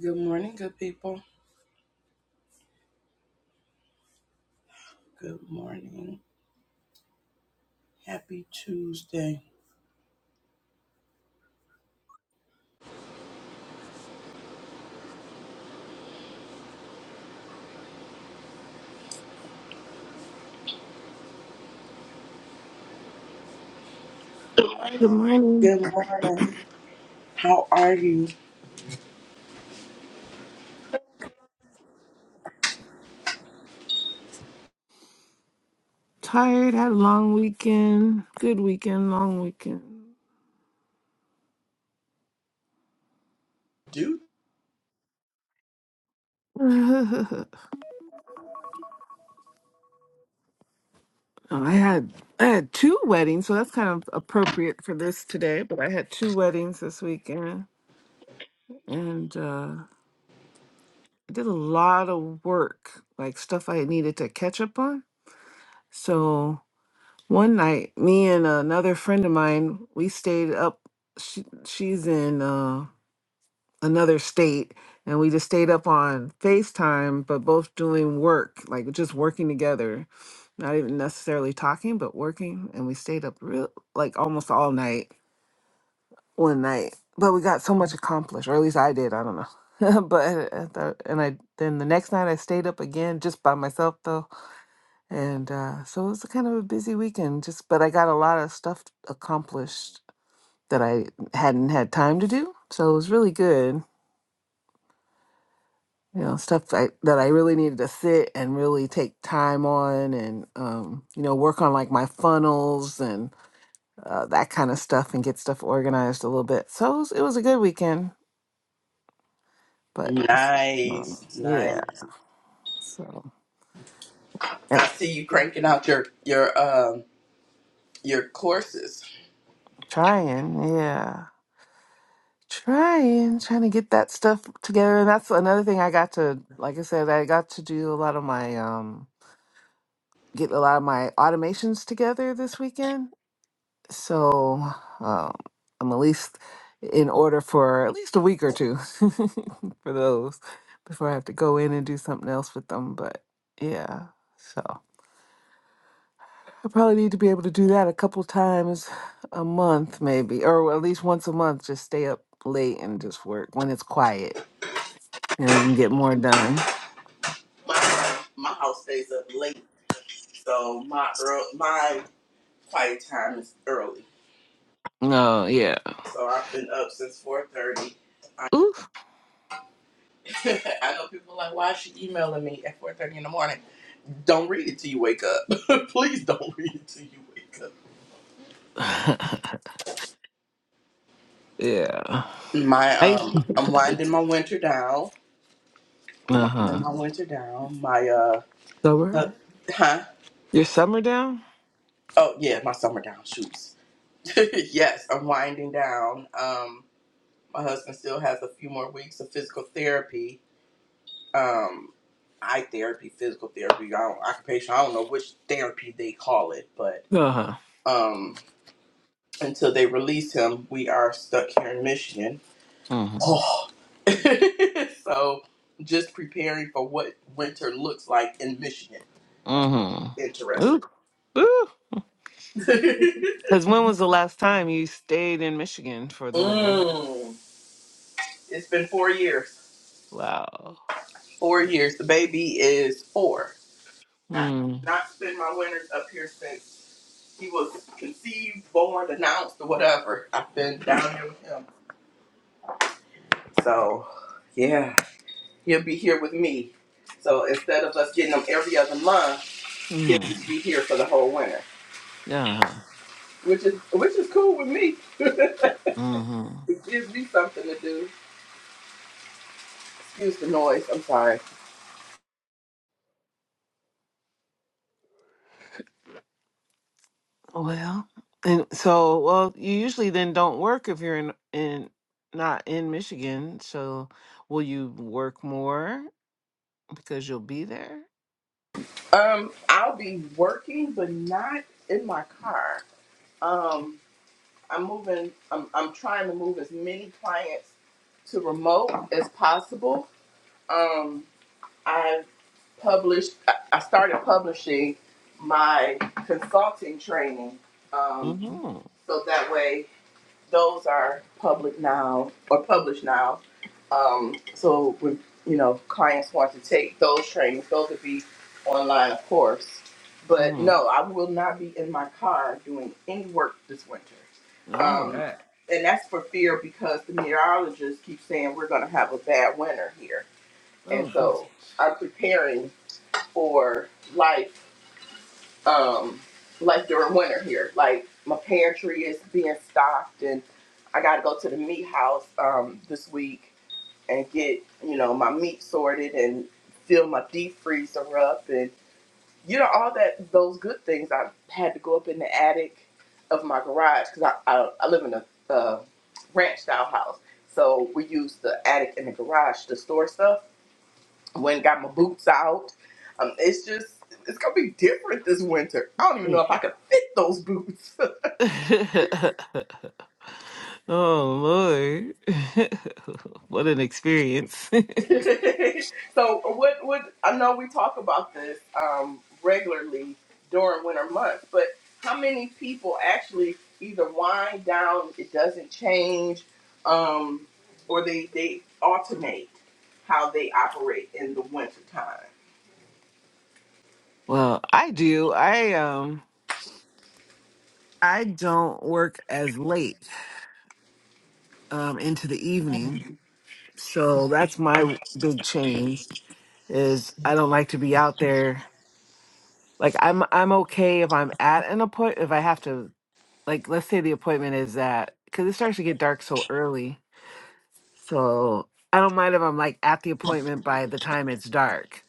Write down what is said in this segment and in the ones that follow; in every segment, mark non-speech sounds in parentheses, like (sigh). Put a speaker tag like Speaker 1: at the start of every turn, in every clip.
Speaker 1: Good morning, good people. Good morning. Happy Tuesday.
Speaker 2: Good morning.
Speaker 1: Good morning. How are you?
Speaker 2: Tired, had a long weekend. Good weekend, long weekend.
Speaker 1: Dude.
Speaker 2: (laughs) Oh, I had I had two weddings, so that's kind of appropriate for this today, but I had two weddings this weekend and uh I did a lot of work, like stuff I needed to catch up on. So one night, me and another friend of mine, we stayed up she she's in uh another state and we just stayed up on FaceTime, but both doing work, like just working together, not even necessarily talking, but working. And we stayed up real, like almost all night, one night. But we got so much accomplished, or at least I did. I don't know. (laughs) but I thought, and I then the next night I stayed up again just by myself though, and uh, so it was kind of a busy weekend. Just but I got a lot of stuff accomplished that I hadn't had time to do, so it was really good you know stuff I, that i really needed to sit and really take time on and um, you know work on like my funnels and uh, that kind of stuff and get stuff organized a little bit so it was, it was a good weekend but it's, um,
Speaker 1: Nice,
Speaker 2: yeah
Speaker 1: nice.
Speaker 2: so and
Speaker 1: I see you cranking out your your um your courses.
Speaker 2: trying yeah trying trying to get that stuff together and that's another thing i got to like i said i got to do a lot of my um get a lot of my automations together this weekend so um, I'm at least in order for at least a week or two (laughs) for those before I have to go in and do something else with them. But yeah, so I probably need to be able to do that a couple times a month, maybe, or at least once a month. Just stay up late and just work when it's quiet, and you can get more done.
Speaker 1: My my house stays up late, so my earl my quiet time is early.
Speaker 2: No, yeah,
Speaker 1: So I've been up since four thirty. I,
Speaker 2: oof,
Speaker 1: (laughs) I know people are like, why is she emailing me at four thirty in the morning? Don't read it till you wake up. (laughs) Please don't read it till you wake up.
Speaker 2: (laughs) yeah.
Speaker 1: My
Speaker 2: I
Speaker 1: um, I'm winding my
Speaker 2: (laughs)
Speaker 1: winter down. I'm
Speaker 2: uh huh.
Speaker 1: winding my winter down. My uh,
Speaker 2: Summer,
Speaker 1: uh, huh?
Speaker 2: your summer down?
Speaker 1: Oh yeah, my summer down shoes. (laughs) yes, I'm winding down. Um, my husband still has a few more weeks of physical therapy. Um, eye therapy, physical therapy, I don't, occupation. I don't know which therapy they call it, but
Speaker 2: Uh
Speaker 1: um, until they release him, we are stuck here in Michigan.
Speaker 2: huh.
Speaker 1: Oh. (laughs) so just preparing for what winter looks like in Michigan. That's
Speaker 2: Mm-hmm. Ooh,
Speaker 1: interesting.
Speaker 2: ooh.
Speaker 1: (laughs)
Speaker 2: Because when was the last time you stayed in Michigan for the winter?
Speaker 1: mm. It's been four years.
Speaker 2: Wow.
Speaker 1: Four years. The baby is four. I have
Speaker 2: Mm.
Speaker 1: not spent my winters up here since he was conceived, born, announced, or whatever. I've been down here with him. So, yeah, he'll be here with me. So instead of us getting him every other month, he'll
Speaker 2: Mm-hmm.
Speaker 1: just be here for the whole winter.
Speaker 2: Yeah.
Speaker 1: which is which is cool with me. (laughs) it
Speaker 2: Mm-hmm.
Speaker 1: gives me something to do. Excuse the noise. I'm sorry.
Speaker 2: Well, and so, well, you usually then don't work if you're in in not in Michigan. So, will you work more because you'll be there?
Speaker 1: Um, I'll be working, but not in my car. Um, I'm moving. I'm I'm trying to move as many clients to remote as possible. Um, I published. I I started publishing my consulting training. Um,
Speaker 2: Mm-hmm.
Speaker 1: so that way. those are public now or published now. Um, so when you know clients want to take those trainings, those would be online, of course. But
Speaker 2: Mm-hmm.
Speaker 1: no, I will not be in my car doing any work this winter,
Speaker 2: All
Speaker 1: um,
Speaker 2: right.
Speaker 1: and that's for fear because the meteorologists keep saying we're going to have a bad winter here,
Speaker 2: Oh,
Speaker 1: and
Speaker 2: goodness.
Speaker 1: so I'm preparing for life um, like during winter here. Like my pantry is being stocked, and I got to go to the meat house um, this week and get you know my meat sorted and fill my deep freezer up, and you know all that those good things. I had to go up in the attic of my garage because I, I I live in a uh, ranch style house, so we use the attic and the garage to store stuff. Went got my boots out. Um, it's just it's gonna be different this winter. I don't even know if I could fit those boots. (laughs)
Speaker 2: (laughs) oh Lord. (laughs) what an experience.
Speaker 1: so what what I know we talk about this um, regularly during winter months, but how many people actually either wind down, it doesn't change, um, or they they alternate how they operate in the winter time.
Speaker 2: (laughs) well, I do. I um I don't work as late um into the evening. So that's my big change is I don't like to be out there. Like I'm I'm okay if I'm at an appointment if I have to like let's say the appointment is at cuz it starts to get dark so early. So I don't mind if I'm like at the appointment by the time it's dark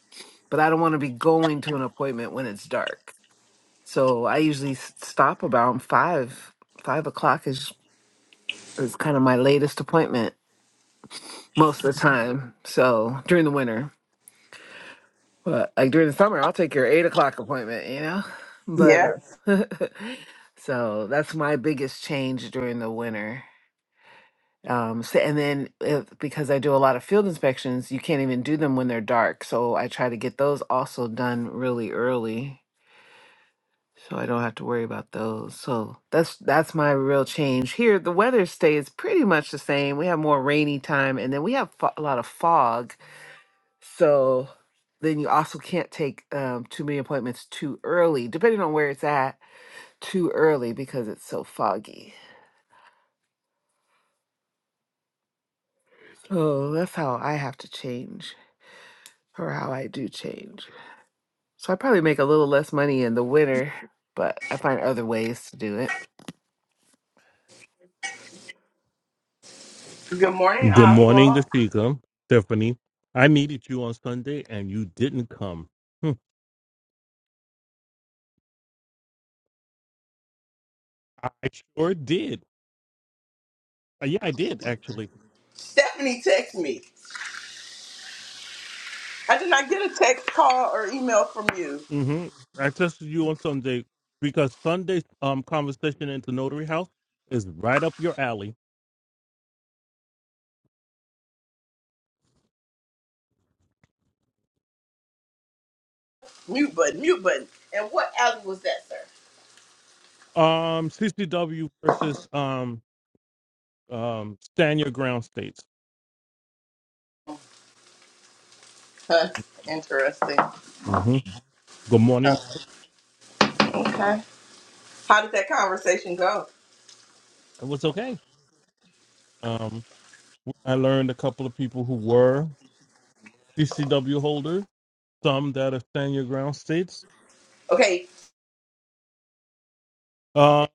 Speaker 2: but I don't want to be going to an appointment when it's dark. So I usually s- stop about five. Five o'clock is is kind of my latest appointment most of the time. So during the winter, but like during the summer, I'll take your eight o'clock appointment. You know,
Speaker 1: Yeah.
Speaker 2: but uh, (laughs) so that's my biggest change during the winter. Um, so, and then if, because I do a lot of field inspections, you can't even do them when they're dark. So I try to get those also done really early so I don't have to worry about those. So that's that's my real change here. The weather stays pretty much the same. We have more rainy time, and then we have fo- a lot of fog. So then you also can't take um, too many appointments too early, depending on where it's at. Too early because it's so foggy. So that's how I have to change, or how I do change. So I probably make a little less money in the winter, but I find other ways to do it.
Speaker 1: Good morning,
Speaker 3: Good morning,
Speaker 1: Oswald.
Speaker 3: Dashika. Stephanie, I needed you on Sunday and you didn't come. Hmm, I sure did. Uh, Yeah, I did actually.
Speaker 1: Stephanie texted me. I did not get a text, call, or email from you.
Speaker 3: hmm I tested you on Sunday because Sunday's um conversation into Notary House is right up your alley.
Speaker 1: Mute button, mute button. And what alley was that, sir?
Speaker 3: Um, CCW versus um um stand your ground states.
Speaker 1: Huh, interesting.
Speaker 3: hmm Good morning.
Speaker 1: Oh, okay. How did that conversation go?
Speaker 3: It was okay. Um, I learned a couple of people who were CCW holders, some that are stand your ground states.
Speaker 1: Okay,
Speaker 3: Um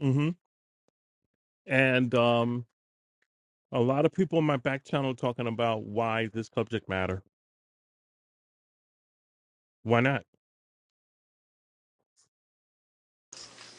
Speaker 3: hmm And um, a lot of people in my back channel talking about why this subject matter. Why not?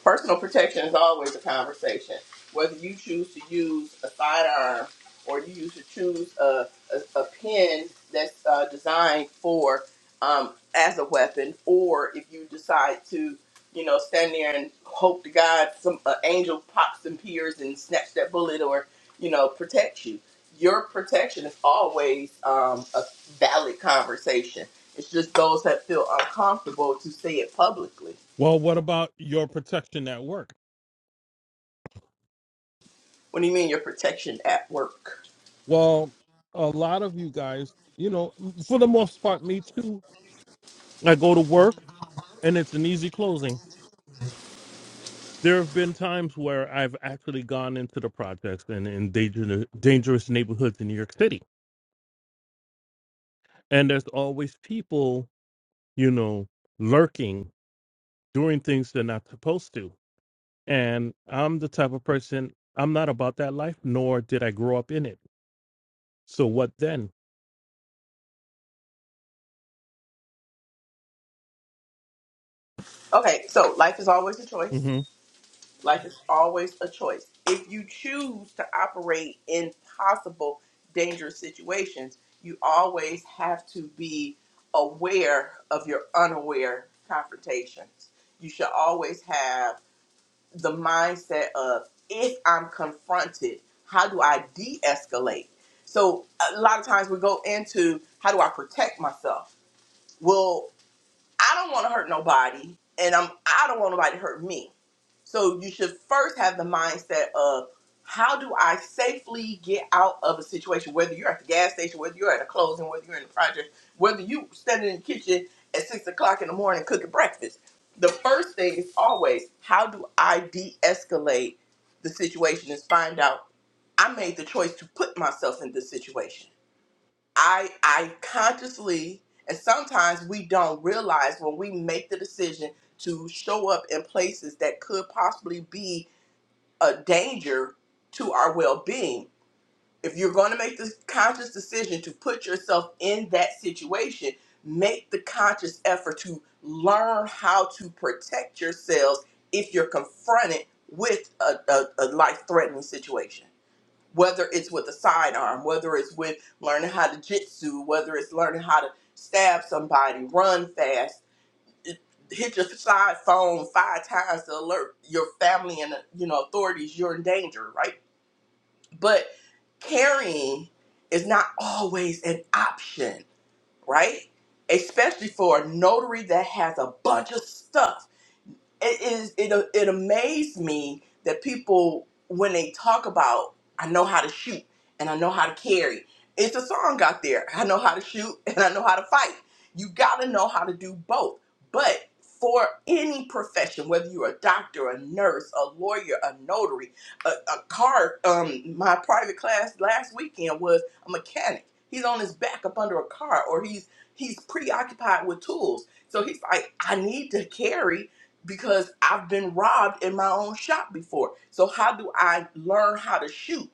Speaker 1: Personal protection is always a conversation. Whether you choose to use a sidearm or you use to choose a, a, a pen that's uh, designed for um, as a weapon, or if you decide to, you know, stand there and hope to God some uh, angel pops and peers and snatch that bullet or, you know, protects you. Your protection is always um, a valid conversation. It's just those that feel uncomfortable to say it publicly
Speaker 3: Well, what about your protection at work?
Speaker 1: What do you mean your protection at work?
Speaker 3: Well, a lot of you guys, you know, for the most part, me too. I go to work and it's an easy closing. There have been times where I've actually gone into the projects and in dangerous, dangerous neighborhoods in New York City. And there's always people, you know, lurking, doing things they're not supposed to And I'm the type of person, I'm not about that life, nor did I grow up in it. So what then?
Speaker 1: Okay, so life is always a choice.
Speaker 3: Mm-hmm.
Speaker 1: Life is always a choice. If you choose to operate in possible dangerous situations, you always have to be aware of your unaware confrontations. You should always have the mindset of if I'm confronted, how do I de escalate? So, a lot of times we go into how do I protect myself? Well. I don't want to hurt nobody, and I'm I don't want nobody to hurt me. So you should first have the mindset of how do I safely get out of a situation, whether you're at the gas station, whether you're at a closing, whether you're in the project, whether you standing in the kitchen at six o'clock in the morning cooking breakfast. The first thing is always how do I de-escalate the situation and find out I made the choice to put myself in this situation I I consciously and sometimes we don't realize when we make the decision to show up in places that could possibly be a danger to our well-being. If you're going to make this conscious decision to put yourself in that situation, make the conscious effort to learn how to protect yourselves if you're confronted with a, a, a life-threatening situation whether it's with a sidearm, whether it's with learning how to jitsu, whether it's learning how to stab somebody, run fast, it- hit your side phone five times to alert your family and you know authorities you're in danger, right? But carrying is not always an option, right? Especially for a notary that has a bunch of stuff it is it it amazed me that people when they talk about I know how to shoot and I know how to carry. It's a song out there. I know how to shoot (laughs) and I know how to fight. You got to know how to do both. But for any profession, whether you're a doctor, a nurse, a lawyer, a notary, a, a car, um, my private class last weekend was a mechanic. He's on his back up under a car, or he's he's preoccupied with tools. So he's like, I need to carry because I've been robbed in my own shop before. So how do I learn how to shoot?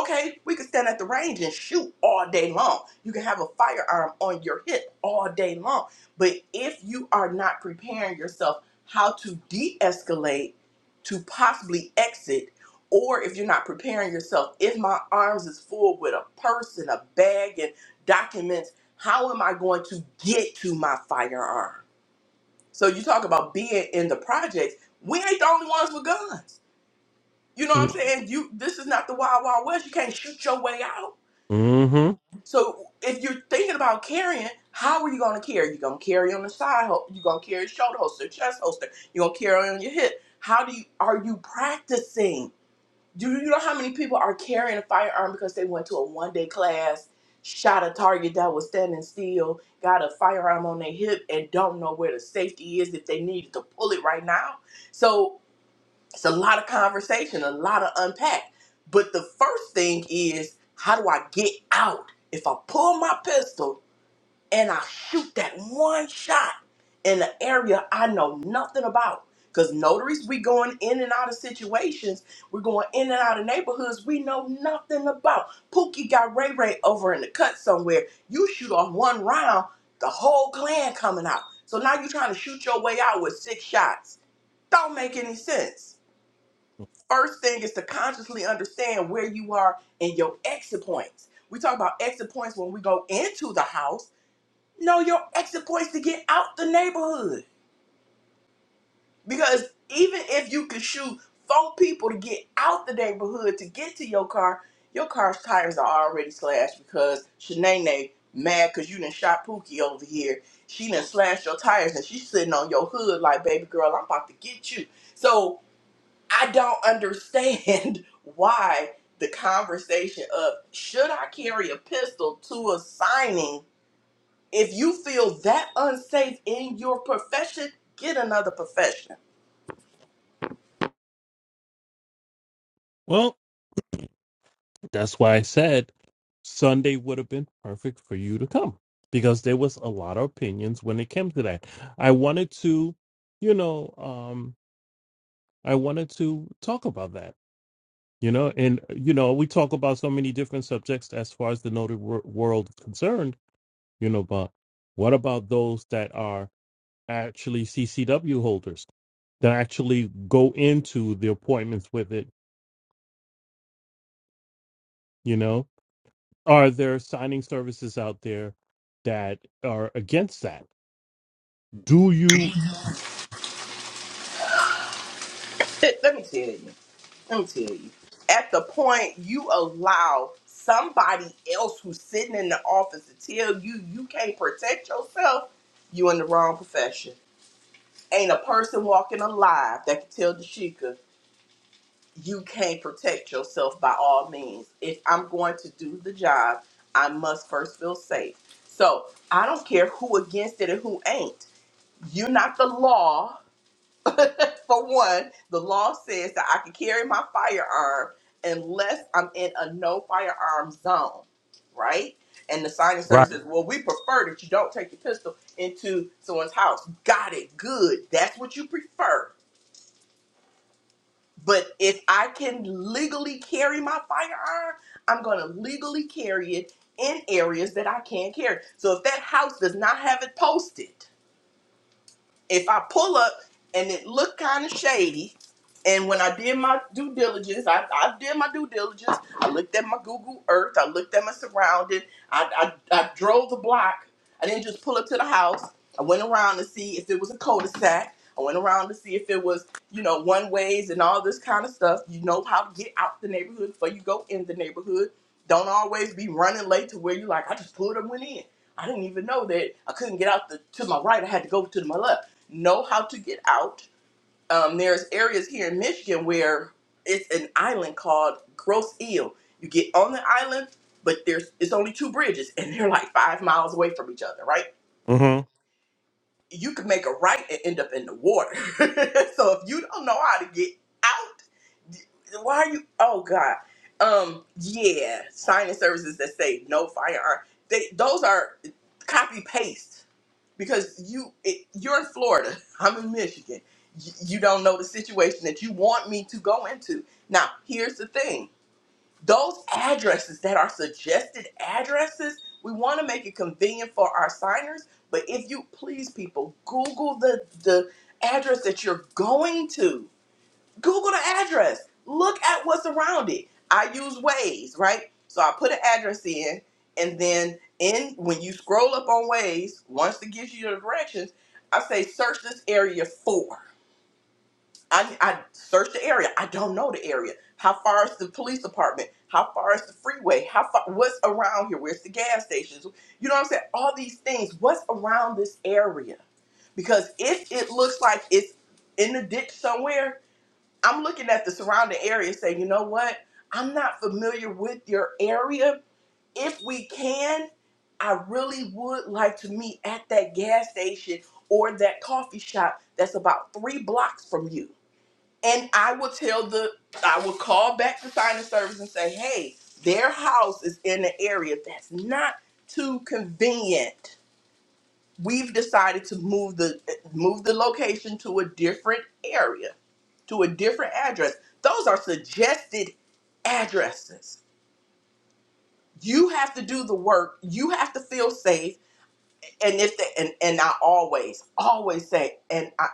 Speaker 1: Okay, we can stand at the range and shoot all day long. You can have a firearm on your hip all day long. But if you are not preparing yourself how to de-escalate to possibly exit or if you're not preparing yourself, if my arms is full with a purse and a bag and documents, how am I going to get to my firearm? So you talk about being in the projects. We ain't the only ones with guns. You know what I'm
Speaker 3: Mm,
Speaker 1: saying? You this is not the wild wild west. You can't shoot your way out.
Speaker 3: Mm-hmm.
Speaker 1: So if you're thinking about carrying, how are you gonna carry? You're gonna carry on the side hol- you're gonna carry shoulder holster, chest holster, you're gonna carry on your hip. How do you are you practicing? Do you know how many people are carrying a firearm because they went to a one day class, shot a target that was standing still, got a firearm on their hip, and don't know where the safety is if they needed to pull it right now? So it's a lot of conversation, a lot of unpack. But the first thing is, how do I get out? If I pull my pistol, and I shoot that one shot in an area I know nothing about. Because notaries, we going in and out of situations, we're going in and out of neighborhoods we know nothing about. Pookie got Ray Ray over in the cut somewhere. You shoot off one round, the whole clan coming out. So now you're trying to shoot your way out with six shots. Don't make any sense. First thing is to consciously understand where you are in your exit points. We talk about exit points when we go into the house no, your exit points to get out the neighborhood. Because even if you could shoot four people to get out the neighborhood to get to your car, your car's tires are already slashed because Shanae mad because you done shot Pookie over here. She done slashed your tires and she's sitting on your hood like, baby girl, I'm about to get you. So I don't understand (laughs) why the conversation of should I carry a pistol to a signing if you feel that unsafe in your profession, get another profession.
Speaker 3: Well, that's why I said Sunday would have been perfect for you to come because there was a lot of opinions when it came to that. I wanted to, you know, um, I wanted to talk about that, you know, and, uh, you know, we talk about so many different subjects as far as the noted wor- world is concerned, you know, but what about those that are actually CCW holders that actually go into the appointments with it. You know, are there signing services out there that are against that? Do you
Speaker 1: Let let me tell you. Let me tell you. At the point you allow somebody else who's sitting in the office to tell you you can't protect yourself, you in the wrong profession. Ain't a person walking alive that can tell Dashika you can't protect yourself by all means. If I'm going to do the job, I must first feel safe. So I don't care who against it and who ain't You're not the law. (laughs) For one, the law says that I can carry my firearm unless I'm in a no firearm zone, right? And the signing
Speaker 3: right?
Speaker 1: service says, well, we prefer that you don't take your pistol into someone's house. Got it. Good. That's what you prefer. But if I can legally carry my firearm, I'm going to legally carry it in areas that I can't carry. So if that house does not have it posted, if I pull up and it looked kind of shady, and when I did my due diligence, I, I did my due diligence. I looked at my Google Earth. I looked at my surrounding. I, I, I drove the block. I didn't just pull up to the house. I went around to see if it was a cul-de-sac. I went around to see if it was, you know, one ways and all this kind of stuff. You know how to get out the neighborhood before you go in the neighborhood. Don't always be running late to where you like, I just pulled up and went in. I didn't even know that I couldn't get out the, to my right. I had to go to my left know how to get out. Um, there's areas here in Michigan where it's an island called Gross Eel. You get on the island, but there's it's only two bridges, and they're like five miles away from each other, right?
Speaker 3: Mm-hmm.
Speaker 1: You could make a right and end up in the water. (laughs) so if you don't know how to get out, why are you? Oh God. Um. Yeah. Signing services that say no firearm. They those are copy paste because you it, you're in Florida, (laughs) I'm in Michigan. You, you don't know the situation that you want me to go into. Now, here's the thing: those addresses that are suggested addresses, we want to make it convenient for our signers. But if you please, people, Google the the address that you're going to. Google the address. Look at what's around it. I use Waze, right? So I put an address in, and then in when you scroll up on Waze, once it gives you the directions, I say search this area for. I, I search the area. I don't know the area. How far is the police department? How far is the freeway? How far? What's around here? Where's the gas stations? You know what I'm saying? All these things. What's around this area? Because if it looks like it's in the ditch somewhere, I'm looking at the surrounding area saying, you know what? I'm not familiar with your area. If we can, I really would like to meet at that gas station or that coffee shop that's about three blocks from you. And I will tell the, I will call back the signing service and say, hey, their house is in an area that's not too convenient we've decided to move the move the location to a different area to a different address those are suggested addresses you have to do the work you have to feel safe and if they, and, and i always always say and i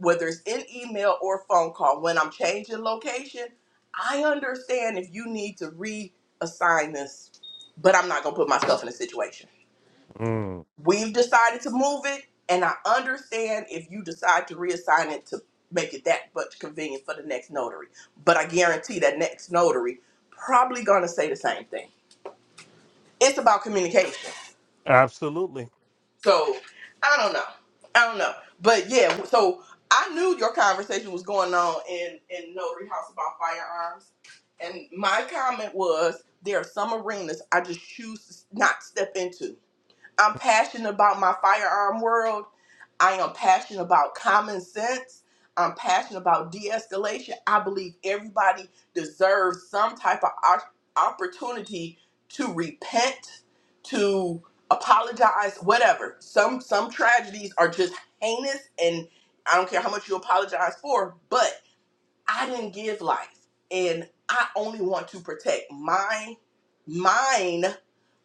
Speaker 1: whether it's in email or phone call when i'm changing location i understand if you need to reassign this but i'm not going to put myself in a situation
Speaker 3: Mm.
Speaker 1: We've decided to move it, and I understand if you decide to reassign it to make it that much convenient for the next notary. But I guarantee that next notary probably gonna say the same thing. It's about communication.
Speaker 3: Absolutely.
Speaker 1: So I don't know. I don't know. But yeah, so I knew your conversation was going on in, in Notary House about firearms. And my comment was there are some arenas I just choose to not step into I'm passionate about my firearm world. I am passionate about common sense. I'm passionate about de escalation. I believe everybody deserves some type of op- opportunity to repent, to apologize, whatever. Some some tragedies are just heinous and I don't care how much you apologize for, but. I didn't give life, and I only want to protect mine, mine,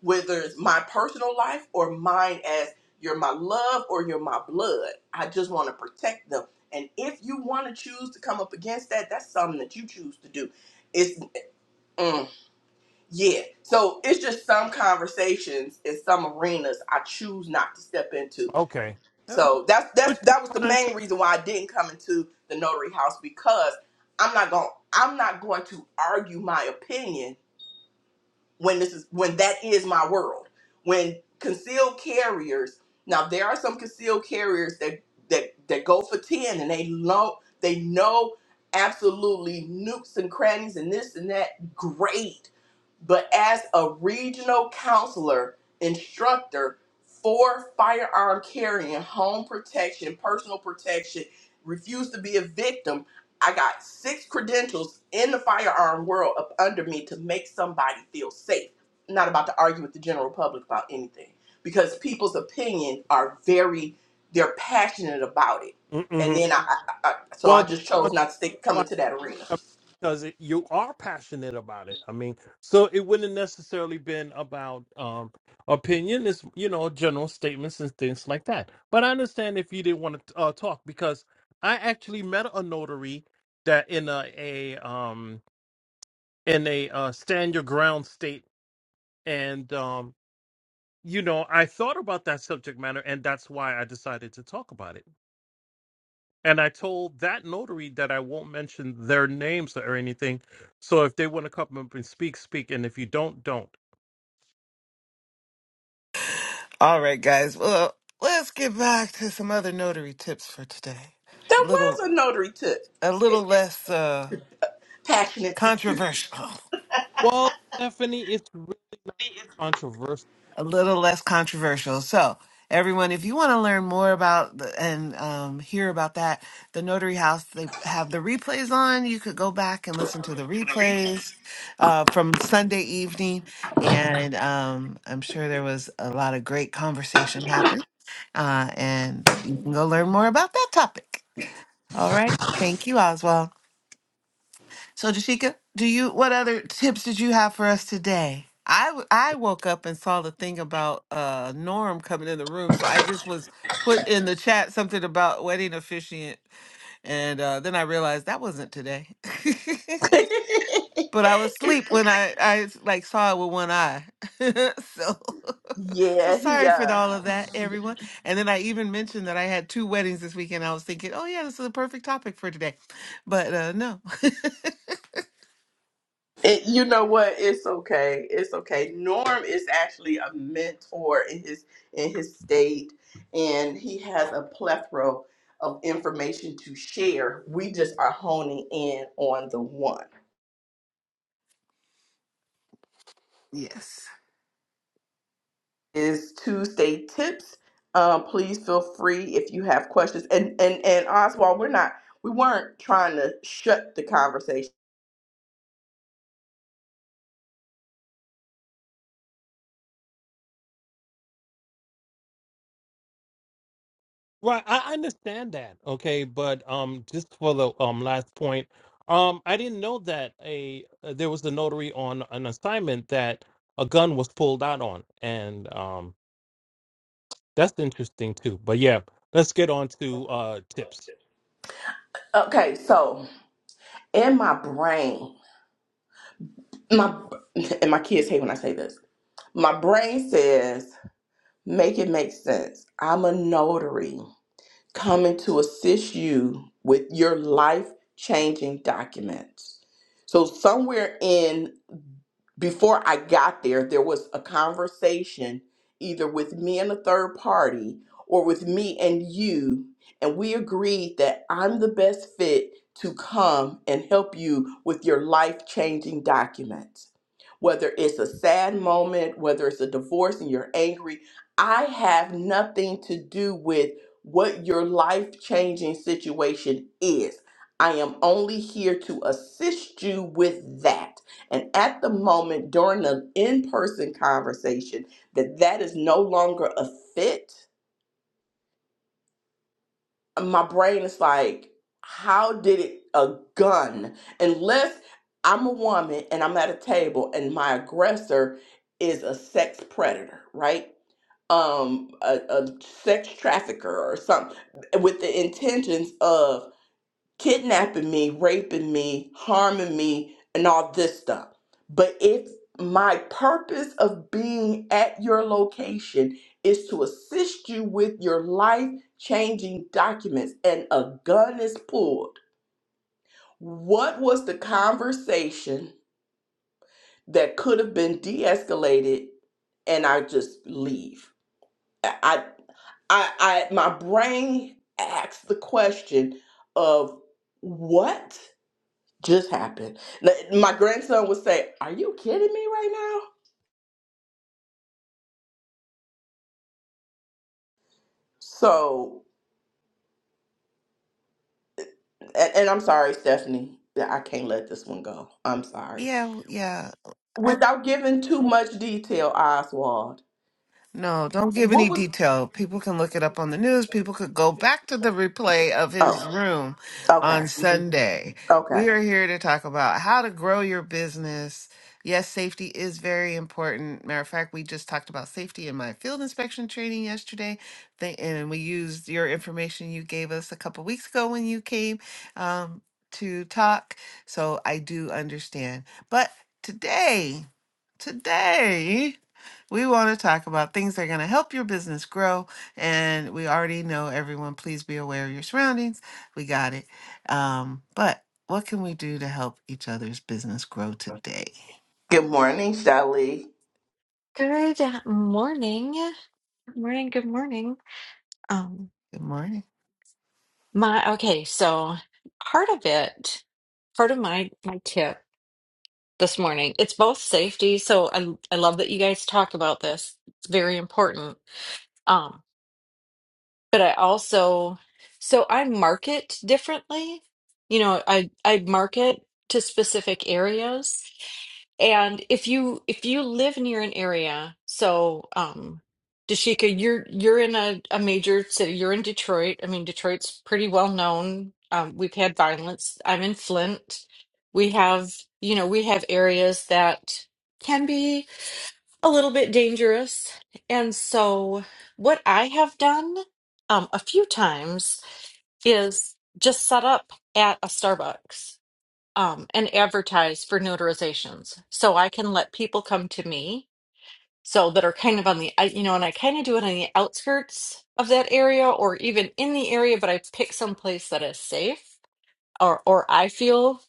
Speaker 1: whether it's my personal life or mine as you're my love or you're my blood. I just want to protect them. And if you want to choose to come up against that, that's something that you choose to do. It's mm, yeah. So it's just some conversations in some arenas I choose not to step into
Speaker 3: Okay. Yeah, Which
Speaker 1: so that's
Speaker 3: which
Speaker 1: that's
Speaker 3: is
Speaker 1: that was the
Speaker 3: fine too.
Speaker 1: main reason why I didn't come into the notary house because I'm not going I'm not going to argue my opinion when this is when that is my world. When concealed carriers now there are some concealed carriers that that that go for ten and they know they know absolutely nooks and crannies and this and that great but as a regional counselor instructor for firearm carrying, home protection, personal protection, refused to be a victim. I got six credentials in the firearm world up under me to make somebody feel safe. I'm Not about to argue with the general public about anything because people's opinion are very, they're passionate about it. And
Speaker 3: Mm-hmm.
Speaker 1: then I, I, I so I
Speaker 3: Well,
Speaker 1: just chose
Speaker 3: that's
Speaker 1: not to stick,
Speaker 3: one.
Speaker 1: come into that arena.
Speaker 3: I mean, because it, you are passionate about it. I mean, so it wouldn't necessarily been about um opinion. It's you know general statements and things like that. But I understand if you didn't want to uh, talk because I actually met a notary that in a, a um in a uh, stand your ground state, and um you know I thought about that subject matter, and that's why I decided to talk about it And I told that notary that I won't mention their names or anything. So if they want to come up and speak, speak. And if you don't, don't.
Speaker 2: All right, guys. Well, let's get back to some other notary tips for today.
Speaker 1: There
Speaker 2: A little,
Speaker 1: was a notary tip.
Speaker 2: a little less uh,
Speaker 1: Passionate
Speaker 2: controversial. (laughs)
Speaker 3: Well, Stephanie, it's really controversial.
Speaker 2: A little less controversial. So, everyone, if you want to learn more about the, and um, hear about that, the Notary House they have the replays on. You could go back and listen to the replays uh, from Sunday evening, and um, I'm sure there was a lot of great conversation happening. Uh, and you can go learn more about that topic. All right. Thank you, Oswald. So, Jashika, do you what other tips did you have for us today? I w- I woke up and saw the thing about uh Norm coming in the room, so I just was put in the chat something about wedding officiant, and uh, then I realized that wasn't today. (laughs) But I was asleep when I I like saw it with one eye. (laughs) so (laughs) so
Speaker 1: Yeah,
Speaker 2: sorry for the-
Speaker 1: yeah.
Speaker 2: all of that, everyone. And then I even mentioned that I had two weddings this weekend. I was thinking, oh yeah, this is a perfect topic for today. But uh no. (laughs)
Speaker 1: It, you know what? It's okay. It's okay. Norm is actually a mentor in his in his state, and he has a plethora of information to share. We just are honing in on the one.
Speaker 2: Yes.
Speaker 1: Is Tuesday tips. Um, please feel free if you have questions. And and and Oswald, we're not. We weren't trying to shut the conversation.
Speaker 3: Right, I understand that. Okay, but um, just for the um last point, um, I didn't know that a uh, there was a notary on an assignment that a gun was pulled out on, and um. That's interesting too. But yeah, let's get on to uh tips.
Speaker 1: Okay, so in my brain, my and my kids hate when I say this My brain says, make it make sense. I'm a notary coming to assist you with your life changing documents. So, somewhere in before I got there, there was a conversation either with me and a third party or with me and you. And we agreed that I'm the best fit to come and help you with your life changing documents. Whether it's a sad moment, whether it's a divorce and you're angry, I have nothing to do with what your life changing situation is. I am only here to assist you with that. And at the moment during the in-person conversation that that is no longer a fit, my brain is like, how did it a gun? Unless I'm a woman and I'm at a table and my aggressor is a sex predator, right? Um, a, a sex trafficker or something with the intentions of kidnapping me, raping me, harming me, and all this stuff. But if my purpose of being at your location is to assist you with your life changing documents and a gun is pulled, what was the conversation that could have been de escalated and I just leave? I, I, I, my brain asks the question of what? just happened. N- My grandson would say, "Are you kidding me right now?" So, and, and I'm sorry, Stephanie, that I can't let this one go. I'm sorry.
Speaker 2: Yeah, w- yeah.
Speaker 1: Without giving too much detail, Oswald,
Speaker 2: No, don't give
Speaker 1: what
Speaker 2: any
Speaker 1: was?
Speaker 2: detail. People can look it up on the news. People could go back to the replay of his
Speaker 1: Oh,
Speaker 2: room
Speaker 1: okay,
Speaker 2: on Sunday.
Speaker 1: okay.
Speaker 2: We are here to talk about how to grow your business. Yes, safety is very important. Matter of fact, we just talked about safety in my field inspection training yesterday, Th- and we used your information you gave us a couple weeks ago when you came um, to talk. So I do understand. But today, Today, we want to talk about things that are going to help your business grow. And we already know everyone, please be aware of your surroundings. We got it. Um, but what can we do to help each other's business grow today?
Speaker 1: Good morning, Shelly.
Speaker 4: Good morning. Morning, good morning. Um
Speaker 2: Good morning.
Speaker 4: my okay, so part of it, part of my my tip this morning, it's both safety, so I I love that you guys talk about this. It's very important. um, but I also so I market differently. You know, I I market to specific areas. And if you if you live near an area, so um Dashika, you're you're in a, a major city. You're in Detroit. I mean, Detroit's pretty well known. Um, we've had violence. I'm in Flint. We have, you know, we have areas that can be a little bit dangerous. And so, what I have done um, a few times is just set up at a Starbucks um, and advertise for notarizations. So I can let people come to me. So that are kind of on the, I- you know, and I kind of do it on the outskirts of that area or even in the area, but I pick some place that is safe or, or I feel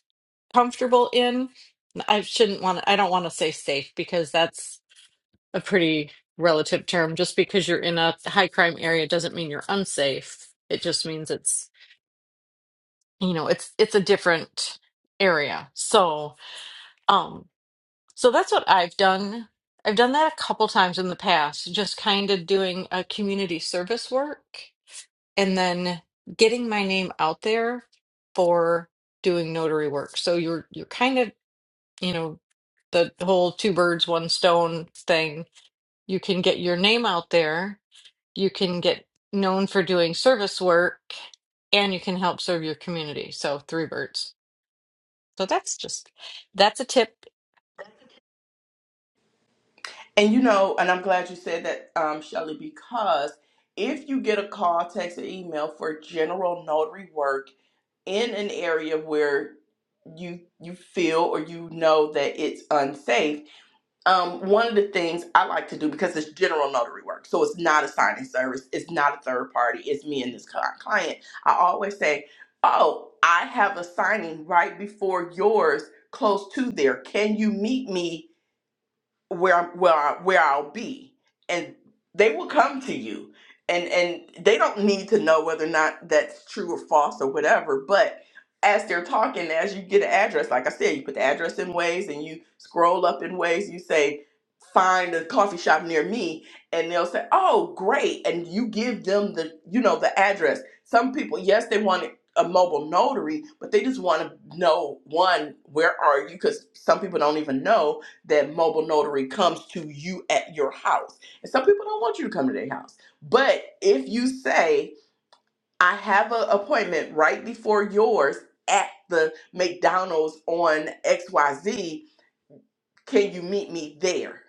Speaker 4: comfortable in. I shouldn't want to, I don't want to say safe because that's a pretty relative term. Just because you're in a high crime area doesn't mean you're unsafe. It just means it's you know it's it's a different area. So um so that's what I've done. I've done that a couple times in the past, just kind of doing a community service work and then getting my name out there for doing notary work. So you're you're kind of, you know, the whole two birds, one stone thing. You can get your name out there you can get known for doing service work and you can help serve your community. So three birds. So that's just that's a tip.
Speaker 1: And you know, and I'm glad you said that, um, Shelly, because if you get a call, text, or email for general notary work in an area where you you feel or you know that it's unsafe, um, one of the things I like to do because it's general notary work, so it's not a signing service, it's not a third party, it's me and this cli- client. I always say, "Oh, I have a signing right before yours, close to there. Can you meet me?" where I'm, where I, where I'll be, and they will come to you, and and they don't need to know whether or not that's true or false or whatever. But as they're talking, as you get an address, like I said, you put the address in ways, and you scroll up in ways. You say, find a coffee shop near me, and they'll say, oh great, and you give them the you know the address. Some people, yes, they want A mobile notary, but they just want to know one, where are you? Because some people don't even know, that mobile notary comes to you at your house. And some people don't want you to come to their house. But if you say, I have an appointment right before yours at the McDonald's on XYZ, can you meet me there?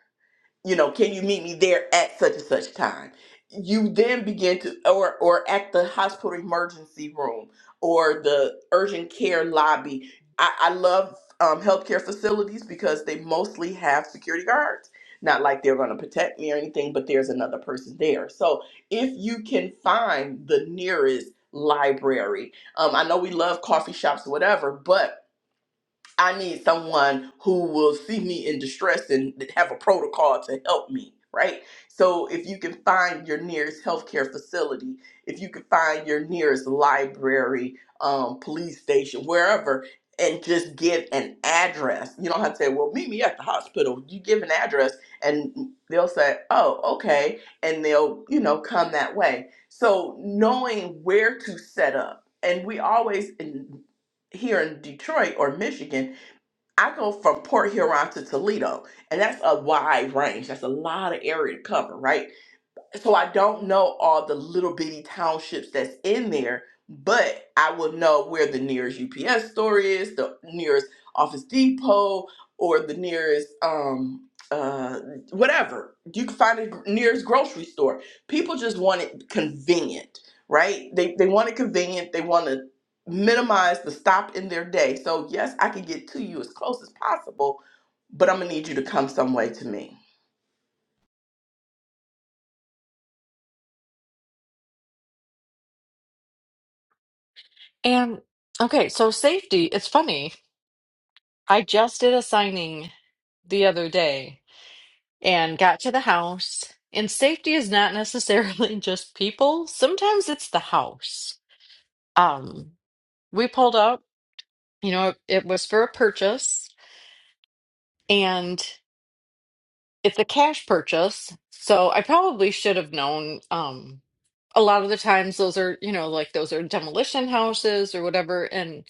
Speaker 1: you know, can you meet me there at such and such time? You then begin to, or or at the hospital emergency room or the urgent care lobby. I, I love um, healthcare facilities because they mostly have security guards. Not like they're going to protect me or anything, but there's another person there. So if you can find the nearest library, um, I know we love coffee shops, or whatever, but I need someone who will see me in distress and have a protocol to help me, right? So if you can find your nearest healthcare facility, if you can find your nearest library, um, police station, wherever, and just give an address. You don't have to say, well, meet me at the hospital. You give an address and they'll say, oh, okay. And they'll, you know, come that way. So knowing where to set up. And we always, in- here in Detroit or Michigan, I go from Port Huron to Toledo, and that's a wide range. That's a lot of area to cover, right? so I don't know all the little bitty townships that's in there, but I will know where the nearest UPS store is, the nearest Office Depot, or the nearest um uh whatever. You can find a nearest grocery store. People just want it convenient, right? They they want it convenient. They want to minimize the stop in their day. So yes, I can get to you as close as possible, but I'm gonna need you to come some way to me.
Speaker 4: And okay, so safety, it's funny. I just did a signing the other day and got to the house. And safety is not necessarily (laughs) just people. Sometimes it's the house. Um, we pulled up, you know, it, it was for a purchase and it's a cash purchase, so I probably should have known. Um, a lot of the times, those are you know like those are demolition houses or whatever. And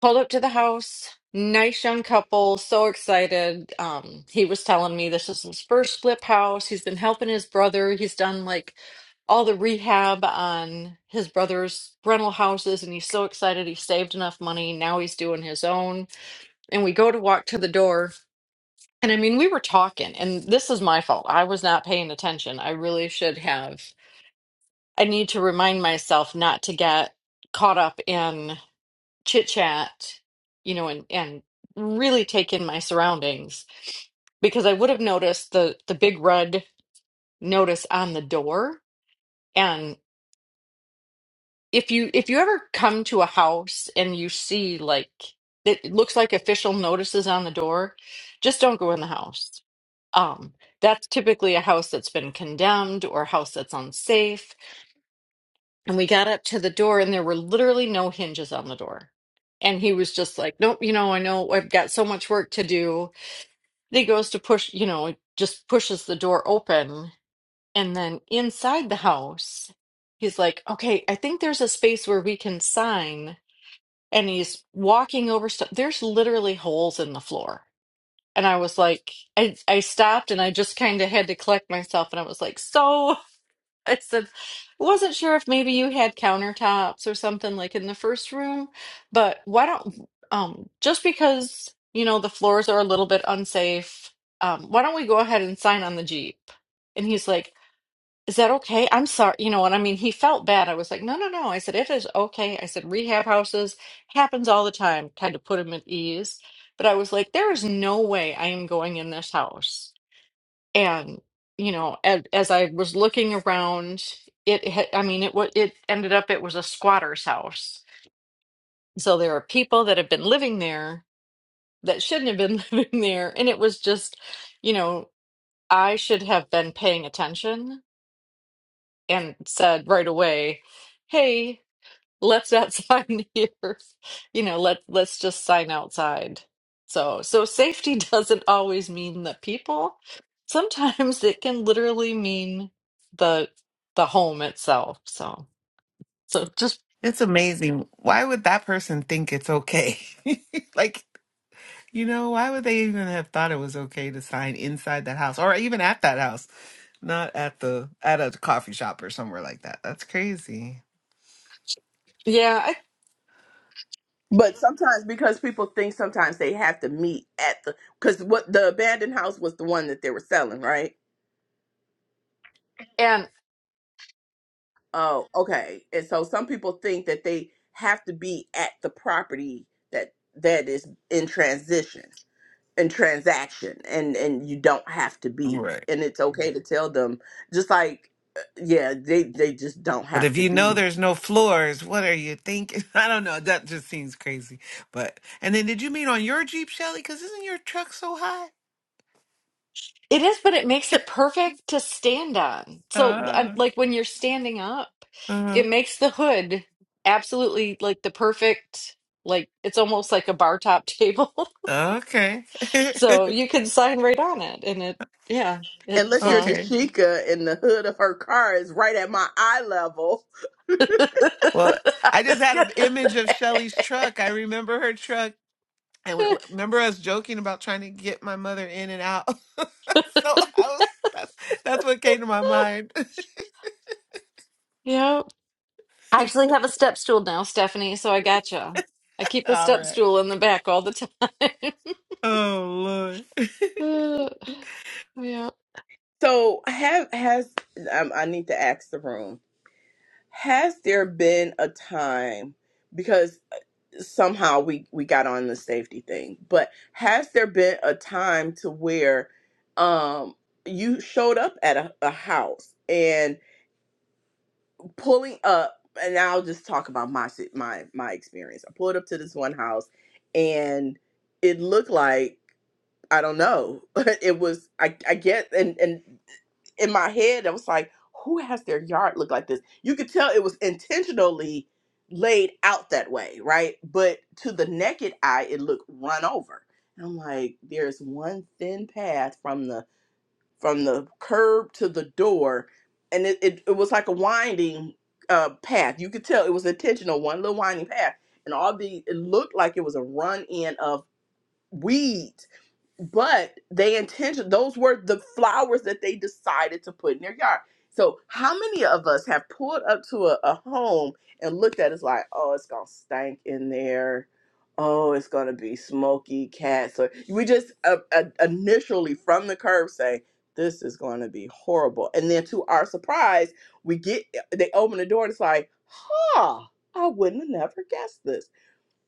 Speaker 4: pulled up to the house, nice young couple, so excited. Um, he was telling me this is his first flip house. He's been helping his brother. He's done like all the rehab on his brother's rental houses, and he's so excited. He saved enough money. Now he's doing his own. And we go to walk to the door and I mean, we were talking, and this is my fault. I was not paying attention. I really should have. I need to remind myself not to get caught up in chit chat, you know, and and really take in my surroundings because I would have noticed the the big red notice on the door if you if you ever come to a house and you see like it looks like official notices on the door, just don't go in the house. Um, that's typically a house that's been condemned or a house that's unsafe. And we got up to the door and there were literally no hinges on the door. And he was just like, Nope, you know, I know I've got so much work to do. And he goes to push, you know, it just pushes the door open. And then inside the house, he's like, Okay, I think there's a space where we can sign and he's walking over stuff. There's literally holes in the floor. And I was like, I, I stopped and I just kind of had to collect myself. And I was like, so (laughs) I said, wasn't sure if maybe you had countertops or something like in the first room, but why don't, um, just because, you know, the floors are a little bit unsafe, um, why don't we go ahead and sign on the Jeep? And he's like, is that okay? I'm sorry. You know what I mean? He felt bad. I was like, no, no, no. I said, it is okay. I said, rehab houses happens all the time, kind of put him at ease. But I was like, there is no way I am going in this house. And, you know, as, as I was looking around, it, had, I mean, it, wa- it ended up, it was a squatter's house. So there are people that have been living there that shouldn't have been (laughs) living there. And it was just, you know, I should have been paying attention and said right away, "Hey, let's not (laughs) sign here. You know, let let's just sign outside." So, so safety (laughs) doesn't always mean the people. Sometimes it can literally mean the the home itself. So, so just
Speaker 2: It's amazing. Why would that person think it's okay? (laughs) like, you know, why would they even have thought it was okay to sign inside that house or even at that house, not at the at a coffee shop or somewhere like that? That's crazy.
Speaker 4: yeah, I,
Speaker 1: But sometimes because people think sometimes they have to meet at the because what the abandoned house was the one that they were selling, right?
Speaker 4: and."
Speaker 1: Oh, okay. And so some people think that they have to be at the property that that is in transition in transaction and and you don't have to be
Speaker 2: Right.
Speaker 1: and it's okay to tell them just like uh, yeah they they just don't
Speaker 2: But
Speaker 1: have
Speaker 2: if
Speaker 1: to
Speaker 2: you
Speaker 1: be
Speaker 2: know there's no floors, what are you thinking? (laughs) I don't know. That just seems crazy. But and then did you mean on your Jeep, Shelly? Because isn't your truck so high?
Speaker 4: It is, but it makes it perfect to stand on. So, I'm-
Speaker 2: Uh,
Speaker 4: like when you're standing up,
Speaker 2: uh,
Speaker 4: it makes the hood absolutely like the perfect, like it's almost like a bar top table. (laughs)
Speaker 2: okay.
Speaker 4: So you can sign right on it. And it, yeah,
Speaker 2: (laughs)
Speaker 4: it's,
Speaker 1: unless your
Speaker 4: uh,
Speaker 2: okay.
Speaker 1: dashika in the hood of her car is right at my eye level
Speaker 4: (laughs)
Speaker 2: Well, I just
Speaker 4: it's
Speaker 2: had
Speaker 4: good.
Speaker 2: an image of Shelly's truck. I remember her truck. And we- remember us joking about trying to get my mother in and out. (laughs) so I was, that's, that's what came to my mind.
Speaker 4: Yep. I actually have a step stool now, Stephanie, so I gotcha.
Speaker 2: (laughs)
Speaker 4: I keep a
Speaker 2: All
Speaker 4: step
Speaker 2: right.
Speaker 4: stool in the back all the time.
Speaker 2: Oh, Lord. (laughs)
Speaker 4: (laughs) Uh, yeah.
Speaker 1: So have has um, I need to ask the room. Has there been a time because somehow we we got on the safety thing, but has there been a time to where um you showed up at a, a house and pulling up and I'll just talk about my si- my my experience. I pulled up to this one house and it looked like I don't know. (laughs) It was I I get and and in my head that was like, who has their yard look like this? You could tell it was intentionally laid out that way, right? But to the naked eye, it looked run over. And I'm like, there's one thin path from the from the curb to the door, and it, it, it was like a winding uh, path. You could tell it was intentional, one little winding path, and all the it looked like it was a run in of weeds but they intention those were the flowers that they decided to put in their yard. So how many of us have pulled up to a, a home and looked at it, it's like, oh, it's gonna stank in there. Oh, it's gonna be smoky cats. So we just uh, uh, initially from the curb say this is gonna be horrible, and then to our surprise, we get they open the door and it's like, huh, I wouldn't have never guessed this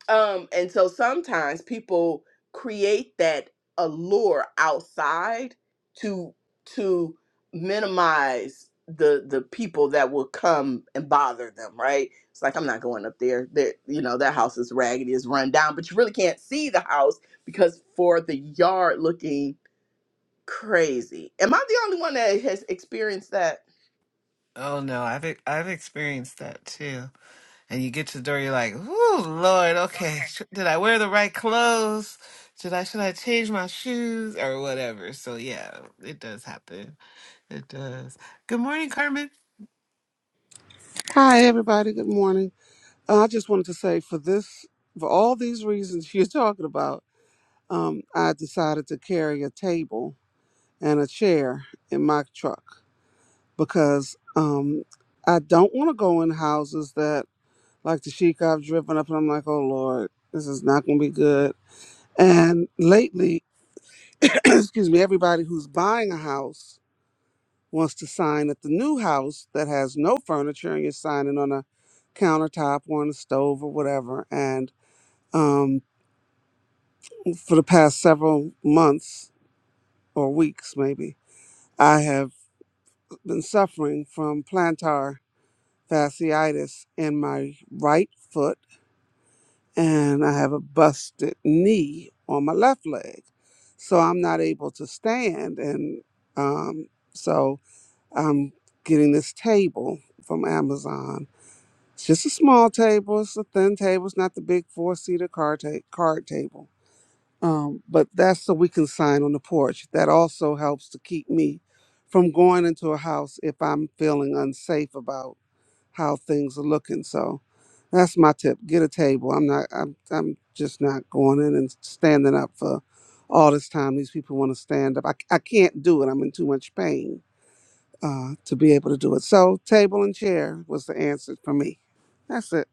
Speaker 1: um, and so sometimes people create that allure outside to to minimize the the people that will come and bother them, right? It's like I'm not going up there. There, you know, that house is raggedy, is run down, but you really can't see the house because for the yard looking crazy. Am I the only one that has experienced that?
Speaker 2: Oh no, I've e- I've experienced that too. And you get to the door, you're like, "Ooh, Lord, okay, sh- did I wear the right clothes? Should I should I change my shoes or whatever?" So yeah, it does happen. It does. Good morning, Carmen.
Speaker 5: Hi, everybody. Good morning. Uh, I just wanted to say for this, for all these reasons (laughs) you're talking about, um, I decided to carry a table and a chair in my truck because um, I don't want to go in houses that, like the chic I've driven up, and I'm like, oh Lord, this is not going to be good. And lately, (clears throat) excuse me, everybody who's buying a house wants to sign at the new house that has no furniture and you're signing on a countertop or on a stove or whatever. And um, for the past several months or weeks, maybe, I have been suffering from plantar fasciitis in my right foot and I have a busted knee on my left leg. So I'm not able to stand. And um, so I'm getting this table from Amazon It's just a small table. It's a thin table. It's not the big four seater card, ta- card table. Um, but that's so we can sign on the porch. That also helps to keep me from going into a house if I'm feeling unsafe about how things are looking. So that's my tip. Get a table. I'm not. I'm. I'm just not going in and standing up for all this time. These people want to stand up. I. I can't do it. I'm in too much pain uh, to be able to do it. So table and chair was the answer for me. That's it.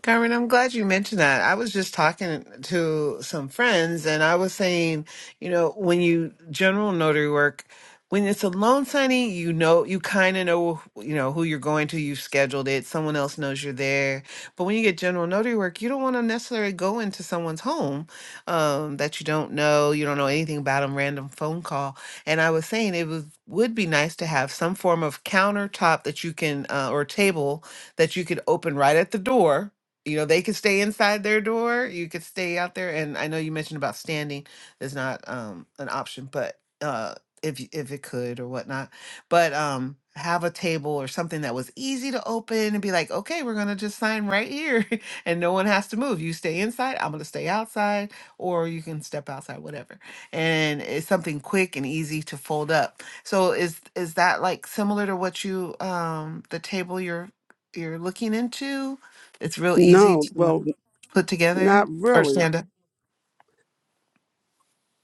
Speaker 2: Carmen, I'm glad you mentioned that. I was just talking to some friends and I was saying, you know, when you general notary work, when it's a loan signing, you know, you kind of know, you know, who you're going to, you've scheduled it, someone else knows you're there. But when you get general notary work, you don't want to necessarily go into someone's home um, that you don't know, you don't know anything about them, random phone call. And I was saying it was, would be nice to have some form of countertop that you can, uh, or table that you could open right at the door you know they can stay inside their door you could stay out there and i know you mentioned about standing is not um an option but uh if y- if it could or whatnot but um have a table or something that was easy to open and be like okay we're gonna just sign right here (laughs) and no one has to move you stay inside i'm gonna stay outside or you can step outside whatever and it's something quick and easy to fold up so is is that like similar to what you um the table you're you're looking into it's real easy
Speaker 5: No,
Speaker 2: to
Speaker 5: well,
Speaker 2: put together
Speaker 5: not
Speaker 2: or
Speaker 5: really.
Speaker 2: stand up.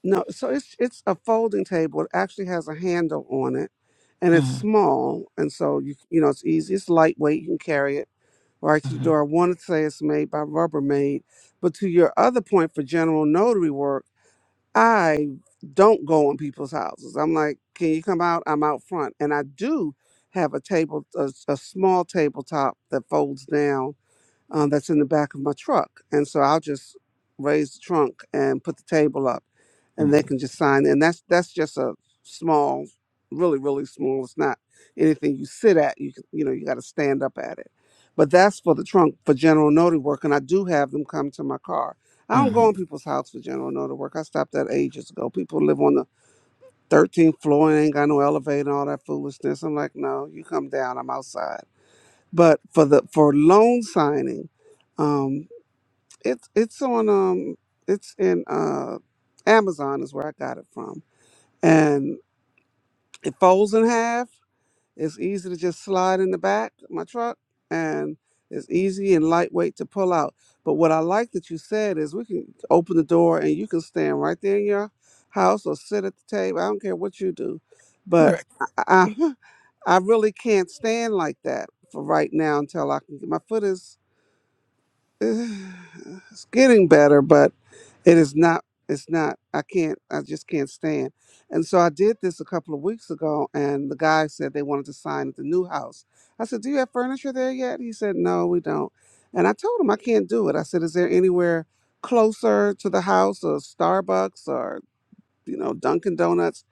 Speaker 5: No, so it's it's a folding table. It actually has a handle on it, and it's
Speaker 2: hmm
Speaker 5: small, and so you you know it's easy. It's lightweight. You can carry it right to the
Speaker 2: hmm
Speaker 5: door. I want to say it's made by Rubbermaid, but to your other point for general notary work, I don't go in people's houses. I'm like, can you come out? I'm out front, and I do have a table, a, a small tabletop that folds down um, that's in the back of my truck. And so I'll just raise the trunk and put the table up,
Speaker 2: hmm
Speaker 5: and they can just sign. And that's that's just a small, really really small. It's not anything you sit at. You can, you know you got to stand up at it. But that's for the trunk for general notary work, and I do have them come to my car. I don't
Speaker 2: hmm
Speaker 5: go in people's house for general notary work. I stopped that
Speaker 2: Yeah.
Speaker 5: ages ago. People live on the 13th floor and ain't got no elevator and all that foolishness. I'm like, no, you come down. I'm outside but for the for loan signing um it's it's on um it's in uh amazon is where i got it from and it folds in half it's easy to just slide in the back of my truck and it's easy and lightweight to pull out but what i like that you said is we can open the door and you can stand right there in your house or sit at the table i don't care what you do but
Speaker 2: Right.
Speaker 5: i i, (laughs) I really can't stand like that for right now until i can get my foot is (sighs) it's getting better, but it is not. It's not. I can't. I just can't stand. And so I did this a couple of weeks ago, and the guy said they wanted to sign at the new house. I said, "Do you have furniture there yet?" He said, "No, we don't." And I told him I can't do it. I said, "Is there anywhere closer to the house, or Starbucks, or?" you know, Dunkin' Donuts.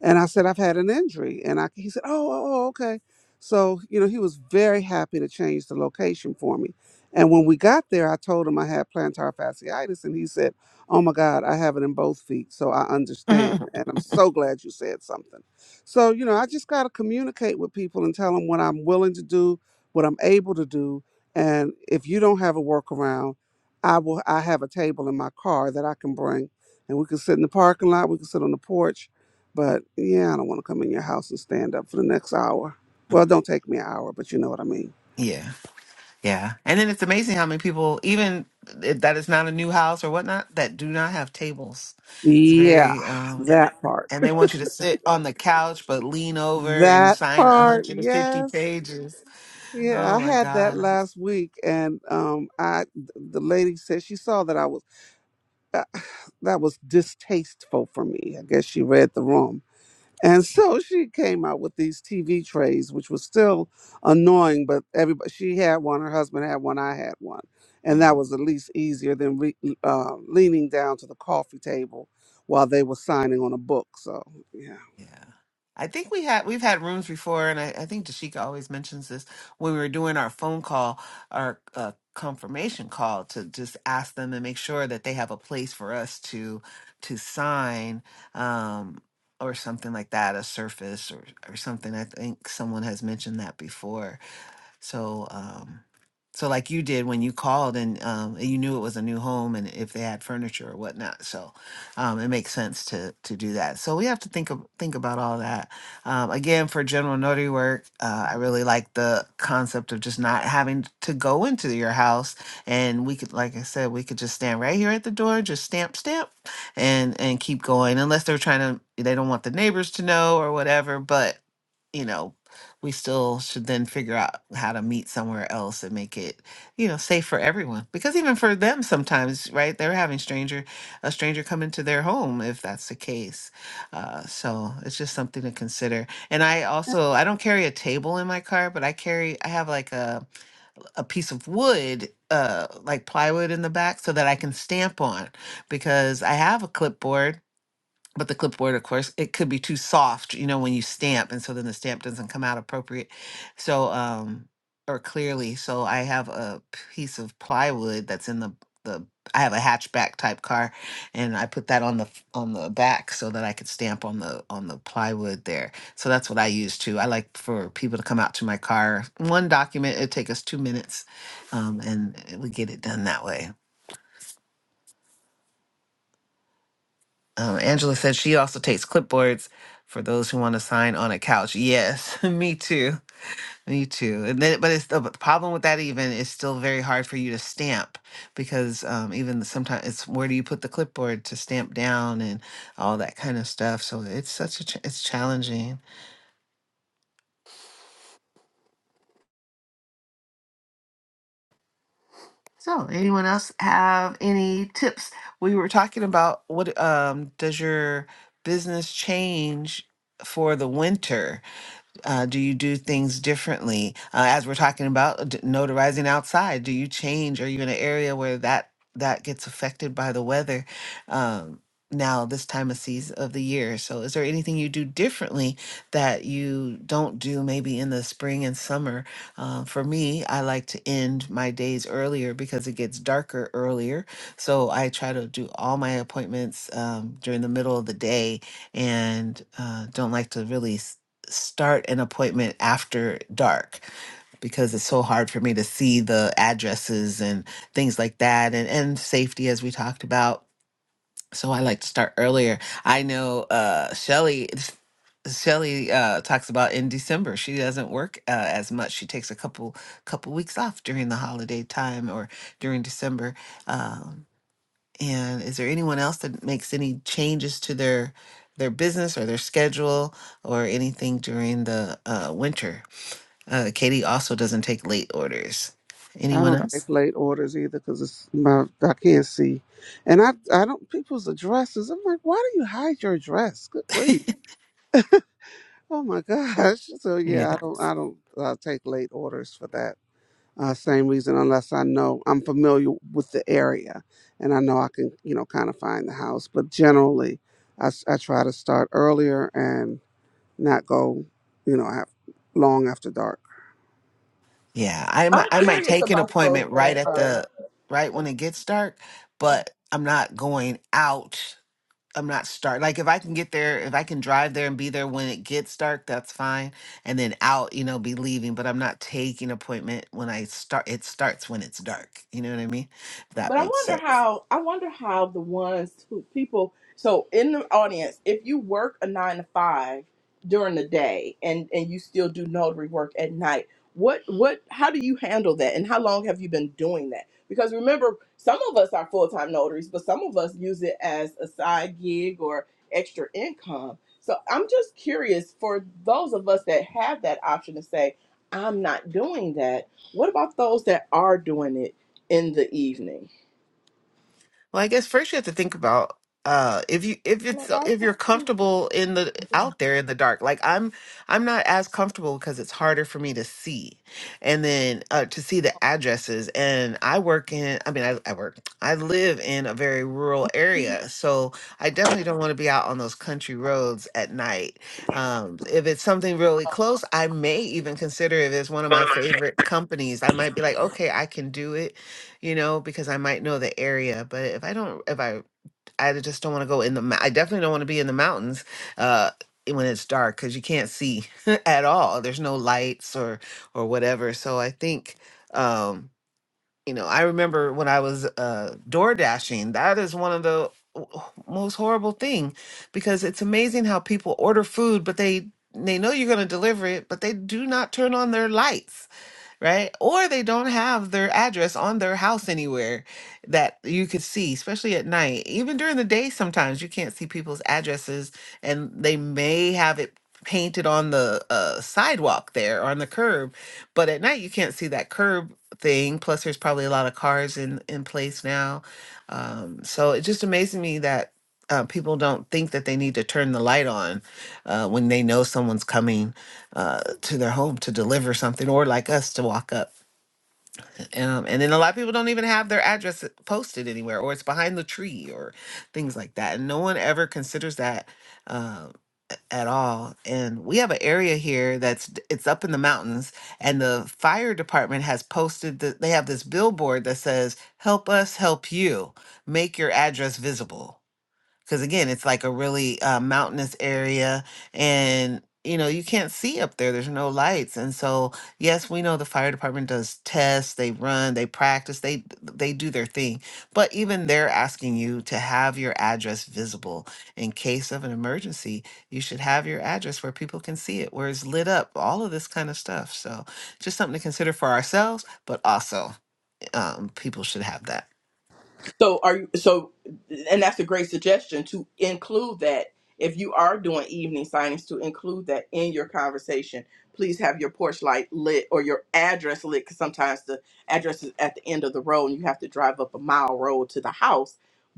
Speaker 5: And I said, I've had an injury. And I, he said, oh, oh, oh, okay. So, you know, he was very happy to change the location for me. And when we got there, I told him I had plantar fasciitis. And he said, oh my God, I have it in both feet. So I
Speaker 2: Mhm.
Speaker 5: understand.
Speaker 2: mhm.
Speaker 5: And I'm so glad you said something. So, you know, I just got to communicate with people and tell them what I'm willing to do, what I'm able to do. And if you don't have a workaround, I will. I have a table in my car that I can bring and we could sit in the parking lot, we could sit on the porch. But yeah, I don't want to come in your house and stand up for the next hour.
Speaker 2: (laughs)
Speaker 5: Well,
Speaker 2: Right.
Speaker 5: don't take me an hour, but you know what I mean.
Speaker 2: Yeah. Yeah. And then it's amazing how many people, even if that is not a new house or whatnot, that do not have tables. It's
Speaker 5: Yeah,
Speaker 2: very, um,
Speaker 5: that part.
Speaker 2: and they want you to sit on the couch but lean over and
Speaker 5: That
Speaker 2: sign
Speaker 5: part,
Speaker 2: 150
Speaker 5: yes.
Speaker 2: pages.
Speaker 5: Yeah,
Speaker 2: Oh
Speaker 5: I
Speaker 2: my
Speaker 5: had that
Speaker 2: God.
Speaker 5: last week and um I th- the lady said she saw that I was uh, that was distasteful for me. I guess she read the room And so she came out with these TV trays, which was still annoying, but everybody she had one, her husband had one, I had one, and
Speaker 2: Hm.
Speaker 5: that was at least easier than re, uh, leaning down to the coffee table while they were signing on a book. So yeah,
Speaker 2: Yeah. I think we had we've had rooms before, and I, I think Dashika always mentions this when we were doing our phone call, our uh, confirmation call to just ask them and make sure that they have a place for us to to sign um, or something like that, a surface or or something. I think someone has mentioned that before so, um, so like you did when you called and um, you knew it was a new home and if they had furniture or whatnot. So, um, it makes sense to to do that. So we have to think of think about all that. Um, again, for general notary work, uh, I really like the concept of just not having to go into your house and we could, like I said, we could just stand right here at the door, just stamp, stamp, and and keep going unless they're trying to they don't want the neighbors to know or whatever. But you know we still should then figure out how to meet somewhere else and make it you know safe for everyone because even for them sometimes right they're having stranger a stranger come into their home if that's the case uh, so it's just something to consider and i also i don't carry a table in my car but i carry i have like a a piece of wood uh like plywood in the back so that i can stamp on because i have a clipboard but the clipboard of course it could be too soft you know when you stamp and so then the stamp doesn't come out appropriate so um or clearly so i have a piece of plywood that's in the the i have a hatchback type car and i put that on the f- on the back so that i could stamp on the on the plywood there so that's what i use too i like for people to come out to my car one document it take us two minutes um, and we get it done that way Um, Angela says she also takes clipboards for those who want to sign on a couch. Yes, (laughs) me too. Me too. And then, but it's the but the problem with that. Even is still very hard for you to stamp because um, even sometimes it's where do you put the clipboard to stamp down and all that kind of stuff. So it's such a ch- it's challenging. So anyone else have any tips? We were talking about what um, does your business change for the winter? Uh, do you do things differently? Uh, as we're talking about uh, d- notarizing outside, do you change? Are you in an area where that that gets affected by the weather? Um, now this time of season of the year. So is there anything you do differently that you don't do maybe in the spring and summer? Uh, for me, I like to end my days earlier because it gets darker earlier. So I try to do all my appointments um, during the middle of the day and uh, don't like to really start an appointment after dark because it's so hard for me to see the addresses and things like that and, and safety as we talked about so i like to start earlier i know uh shelly shelly uh talks about in december she doesn't work uh, as much she takes a couple couple weeks off during the holiday time or during december um, and is there anyone else that makes any changes to their their business or their schedule or anything during the uh, winter? Uh, Katie also doesn't take late orders.
Speaker 5: I
Speaker 2: Anyone
Speaker 5: don't
Speaker 2: else?
Speaker 5: take late orders either because it's my I can't see, and I I don't people's addresses. I'm like, why do you hide your address? Good grief! Oh my (laughs) gosh! So
Speaker 2: Yeah,
Speaker 5: yeah, I don't I don't uh, take late orders for that. Uh, same reason, unless I know I'm familiar with the area and I know I can, you know, kind of find the house. But generally, I, s- I try to start earlier and not go, you know, af long after dark.
Speaker 2: yeah. I might
Speaker 1: I'm
Speaker 2: I might
Speaker 1: curious
Speaker 2: take an
Speaker 1: about those
Speaker 2: appointment right
Speaker 1: that
Speaker 2: at
Speaker 1: are.
Speaker 2: the right when it gets dark, but I'm not going out. I'm not start like if I can get there, if I can drive there and be there when it gets dark, that's fine. And then out, you know, be leaving, but I'm not taking appointment when I start it starts when it's dark. You know what I mean? If that
Speaker 1: But I
Speaker 2: makes
Speaker 1: wonder
Speaker 2: sense.
Speaker 1: how I wonder how the ones who people so in the audience, if you work a nine to five during the day and and you still do notary work at night, what what how do you handle that and how long have you been doing that? Because remember, some of us are full time notaries, but some of us use it as a side gig or extra income. So I'm just curious for those of us that have that option to say, I'm not doing that. What about those that are doing it in the evening?
Speaker 2: Well, I guess first you have to think about uh if you if it's if you're comfortable in the out there in the dark like i'm i'm not as comfortable because it's harder for me to see and then uh to see the addresses and i work in i mean i, I work i live in a very rural area so i definitely don't want to be out on those country roads at night um if it's something really close i may even consider if it's one of my favorite companies i might be like okay i can do it you know, because I might know the area. But if I don't, if I, I just don't want to go in the, mou- I definitely don't want to be in the mountains uh, when it's dark because you can't see (laughs) at all. There's no lights or, or whatever. So I think, um, you know, I remember when I was uh, door dashing, that is one of the w- most horrible thing because it's amazing how people order food, but they, they know you're going to deliver it, but they do not turn on their lights right? Or they don't have their address on their house anywhere that you could see, especially at night. Even during the day, sometimes you can't see people's addresses, and they may have it painted on the uh, sidewalk there or on the curb, but at night you can't see that curb thing. Plus, there's probably a lot of cars in in place now, um, so it just amazes me that. Uh, people don't think that they need to turn the light on uh, when they know someone's coming uh, to their home to deliver something, or like us to walk up. Um, and then a lot of people don't even have their address posted anywhere, or it's behind the tree, or things like that. And no one ever considers that uh, at all. And we have an area here that's d- it's up in the mountains, and the fire department has posted that they have this billboard that says, "Help us, help you, make your address visible." because again it's like a really uh, mountainous area and you know you can't see up there there's no lights and so yes we know the fire department does tests they run they practice they they do their thing but even they're asking you to have your address visible in case of an emergency you should have your address where people can see it where it's lit up all of this kind of stuff so just something to consider for ourselves but also um, people should have that
Speaker 1: So are you so and that's a great suggestion to include that if you are doing evening signings to include that in your conversation. Please have your porch light lit or your address lit because sometimes the address is at the end of the road and you have to drive up a mile road to the house.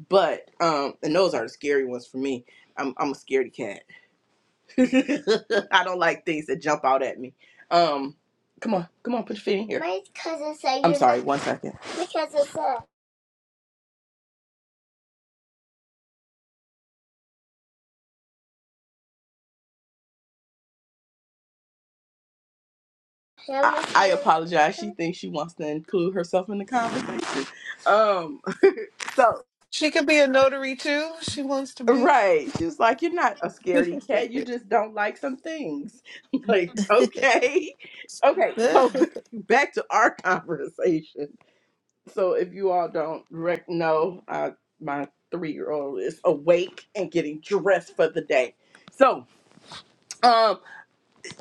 Speaker 1: But um and those are the scary ones for me. I'm I'm a scaredy cat. (laughs) I don't like things that jump out at me. Um come on, come on, put your feet in here. Because it's I'm sorry, one second. Because it's I, I apologize. She thinks she wants to include herself in the conversation. Um, (laughs) so
Speaker 2: She could be a notary too. She wants to be.
Speaker 1: right, she was like, "You're not a scaredy cat.
Speaker 2: (laughs)
Speaker 1: You just don't like some things." (laughs) like, okay, okay.
Speaker 2: (laughs) Yeah.
Speaker 1: So (laughs) b- back to our conversation. So if you all don't rec- know, uh, my three-year-old is awake and getting dressed for the day. So. um.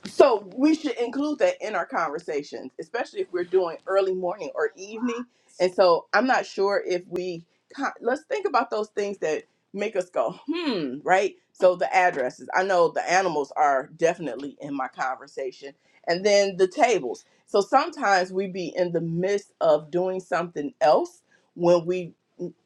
Speaker 1: So we should include that in our conversations, especially if we're doing early morning or evening. And so I'm not sure if we co- let's think about those things that make us go hmm, right? So the addresses. I know the animals are definitely in my conversation, and then the tables. So sometimes we be in the midst of doing something else when we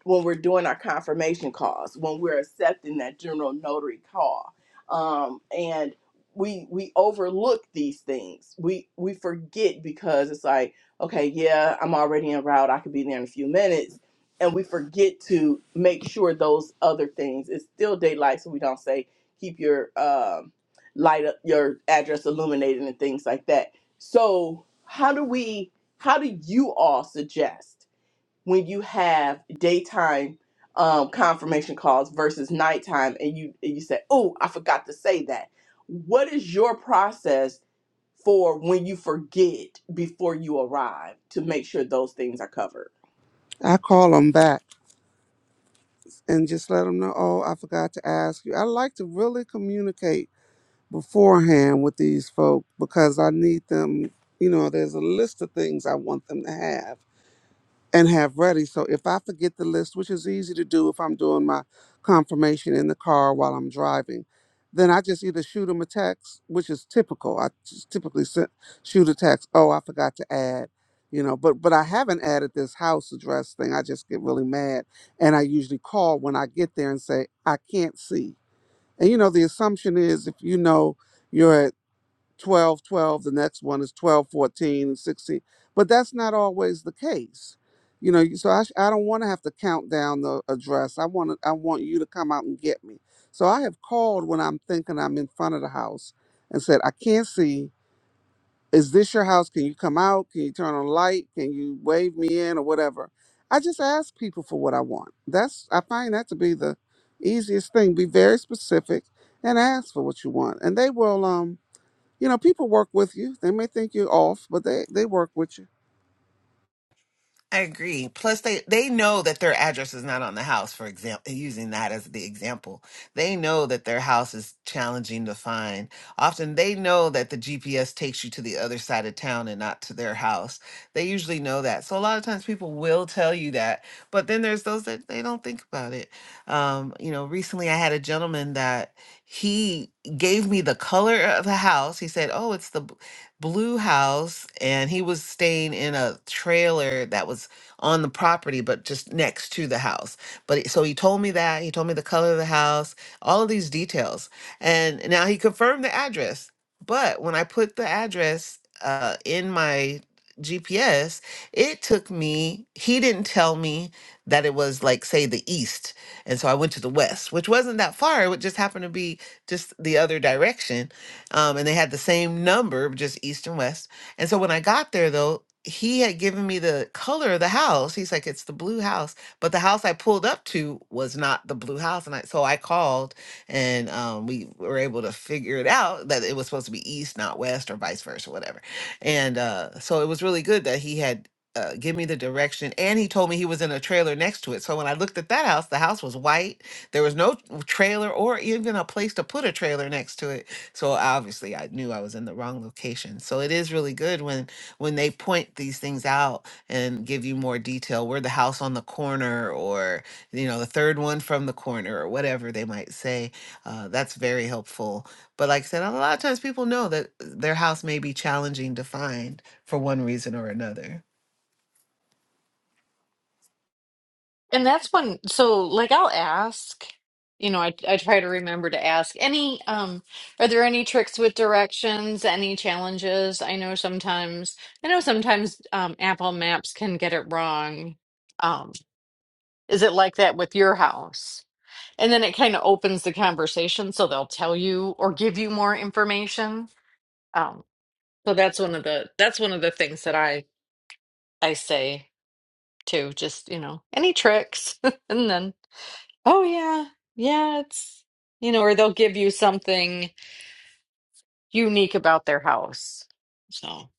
Speaker 1: when we're doing our confirmation calls, when we're accepting that general notary call. Um, and we we overlook these things. We we forget because it's like, okay, yeah, I'm already en route. I could be there in a few minutes, and we forget to make sure those other things. It's still daylight, so we don't say keep your um, light up, your address illuminated, and things like that. So how do we? How do you all suggest? when you have daytime um, confirmation calls versus nighttime and you and you say oh i forgot to say that what is your process for when you forget before you arrive to make sure those things are covered
Speaker 5: I call them back. and just let them know, oh, I forgot to ask you. I like to really communicate beforehand with these folk because I need them, you know, there's a list of things I want them to have and have ready. So if I forget the list, which is easy to do if I'm doing my confirmation in the car while I'm driving, then I just either shoot them a text, which is typical. I just typically se- shoot a text. Oh, I forgot to add, you know. But but I haven't added this house address thing. I just get really mad, and I usually call when I get there and say I can't see. And you know the assumption is if you know you're at 12, 12. the next one is 12, 14, 16. but that's not always the case you know so i, sh- I don't want to have to count down the address i want to, i want you to come out and get me so i have called when i'm thinking i'm in front of the house and said i can't see is this your house can you come out can you turn on a light can you wave me in or whatever i just ask people for what i want that's i find that to be the easiest thing be very specific and ask for what you want and they will um you know, people work with you. They may think you're off, but they they work with you.
Speaker 2: I agree. Plus, they they know that their address is not on the house. For example, using that as the example, they know that their house is challenging to find. Often, they know that the GPS takes you to the other side of town and not to their house. They usually know that. So a lot of times, people will tell you that. But then there's those that they don't think about it. Um, you know, recently I had a gentleman that he gave me the color of the house. He said, "Oh, it's the blue house and he was staying in a trailer that was on the property but just next to the house but it- so he told me that he told me the color of the house all of these details and now he confirmed the address but when i put the address uh, in my gps it took me he didn't tell me that it was like say the east and so i went to the west which wasn't that far it would just happen to be just the other direction um, and they had the same number, just east and west. And so when I got there, though, he had given me the color of the house. He's like, "It's the blue house," but the house I pulled up to was not the blue house, and I so I called, and um, we were able to figure it out that it was supposed to be east, not west, or vice versa, whatever. And uh, so it was really good that he had. Uh, give me the direction and he told me he was in a trailer next to it so when i looked at that house the house was white there was no trailer or even a place to put a trailer next to it so obviously I knew I was in the wrong location. So it is really good when when they point these things out and give you more detail. We're the house on the corner or you know the third one from the corner or whatever they might say. Uh, that's very helpful. But like I said, a lot of times people know that their house may be challenging to find for one reason or another.
Speaker 4: And that's when, so like I'll ask, you know, I I try to remember to ask any um are there any tricks with directions, any challenges? I know sometimes I know sometimes um Apple Maps can get it wrong. Um is it like that with your house? And then it kind of opens the conversation so they'll tell you or give you more information. Um so that's one of the that's one of the things that I I say too, just, you know, any tricks? (laughs) And then Oh yeah. Yeah, it's you know, or they'll give you something unique about their house. So,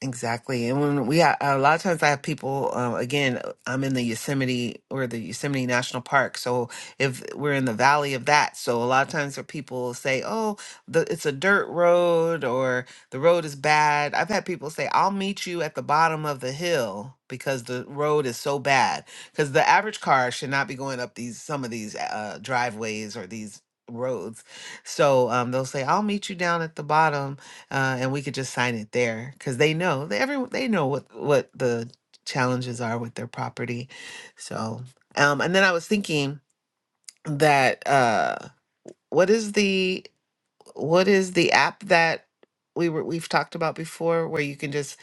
Speaker 2: Exactly. And when we ha a lot of times I have people, uh, again, I'm in the Yosemite or the Yosemite National Park. So if we're in the valley of that, so a lot of times where people say, oh, the, it's a dirt road or the road is bad. I've had people say, I'll meet you at the bottom of the hill because the road is so bad. Because the average car should not be going up these, some of these uh, driveways or these roads. So um, they'll say, I'll meet you down at the bottom uh, and we could just sign it there because they know they every they know what what the challenges are with their property. So, um, and then I was thinking that uh, what is the what is the app that we were we've talked about before where you can just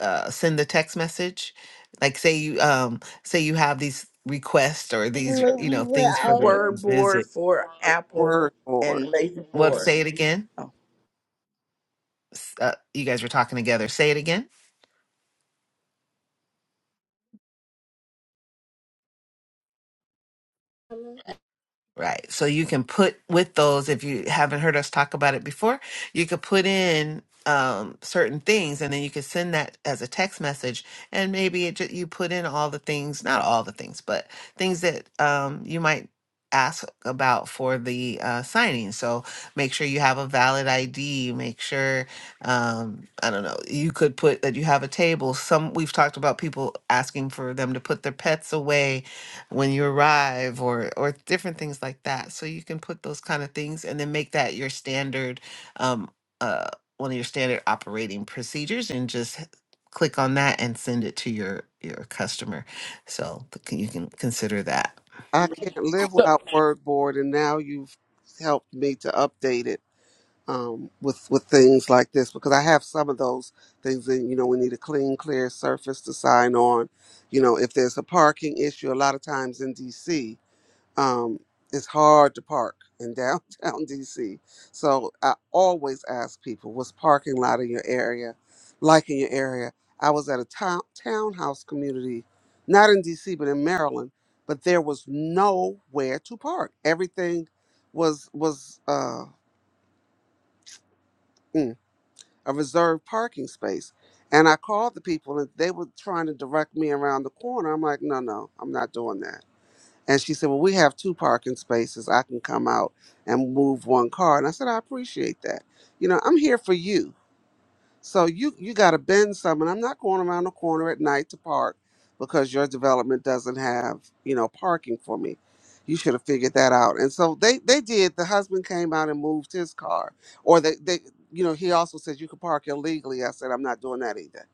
Speaker 2: uh, send a text message, like say you um say you have these requests or these you
Speaker 1: Movie
Speaker 2: know things for
Speaker 1: will.
Speaker 2: the
Speaker 1: word board
Speaker 2: visit.
Speaker 1: for apple
Speaker 5: Word board.
Speaker 1: and lazy
Speaker 2: What
Speaker 5: Yeah.
Speaker 1: board
Speaker 2: say it again?
Speaker 1: oh.
Speaker 2: S- Uh, you guys were talking together. Say it again. Right. So you can put with those, if you haven't heard us talk about it before, you could put in um, certain things and then you could send that as a text message. And maybe it, ju- you put in all the things, not all the things, but things that um, you might ask about for the uh, signing. So make sure you have a valid ID. Make sure, um, I don't know, you could put that you have a table. Some, we've talked about people asking for them to put their pets away when you arrive or or different things like that so you can put those kind of things and then make that your standard um uh one of your standard operating procedures and just h- click on that and send it to your your customer so th- can- you can consider that
Speaker 5: I can't live without word board, and now you've helped me to update it um, with with things like this because I have some of those things. And you know, we need a clean, clear surface to sign on. You know, if there's a parking issue, a lot of times in DC. um, it's hard to park in downtown (laughs) DC. So I always ask people, what's parking lot in your area, like in your area? I was at a town townhouse community, not in DC, but in Maryland, but there was nowhere to park. Everything was was uh, mm, a reserved parking space. And I called the people, and they were trying to direct me around the corner. I'm like, no, no, I'm not doing that And she said, Well, we have two parking spaces. I can come out and move one car. And I said, I appreciate that. You know, I'm here for you so you you got to bend some, and I'm not going around the corner at night to park because your development doesn't have you know parking for me. You should have figured that out. And so they they did. The husband came out and moved his car, or they they you know he also said you could park illegally. I said I'm not doing that either.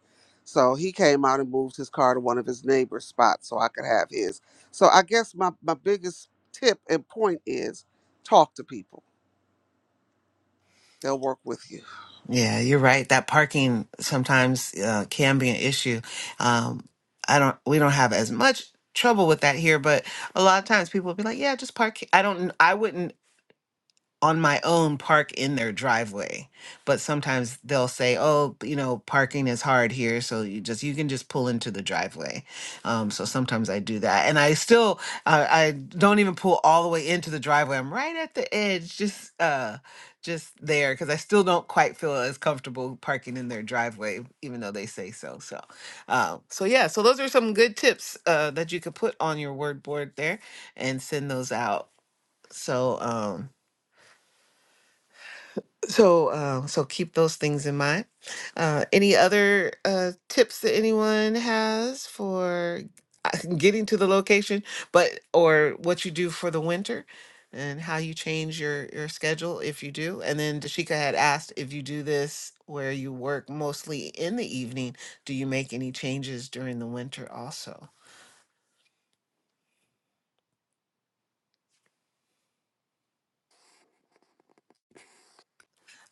Speaker 5: So he came out and moved his car to one of his neighbor's spots so I could have his. So I guess my my biggest tip and point is talk to people. They'll work with you.
Speaker 2: yeah you're right that parking sometimes uh, can be an issue um i don't we don't have as much trouble with that here but a lot of times people will be like yeah just park he- i don't i wouldn't on my own park in their driveway. But sometimes they'll say, "Oh, you know, parking is hard here, so you just you can just pull into the driveway." Um, so sometimes I do that, and I still I, I don't even pull all the way into the driveway. I'm right at the edge, just uh, just there, because I still don't quite feel as comfortable parking in their driveway, even though they say so. So, uh, so yeah, so those are some good tips uh, that you could put on your word board there and send those out. So. Um, so, um, so keep those things in mind. Uh, any other uh, tips that anyone has for uh, getting to the location, but or what you do for the winter, and how you change your your schedule if you do? And then Dashika had asked if you do this where you work mostly in the evening, do you make any changes during the winter also?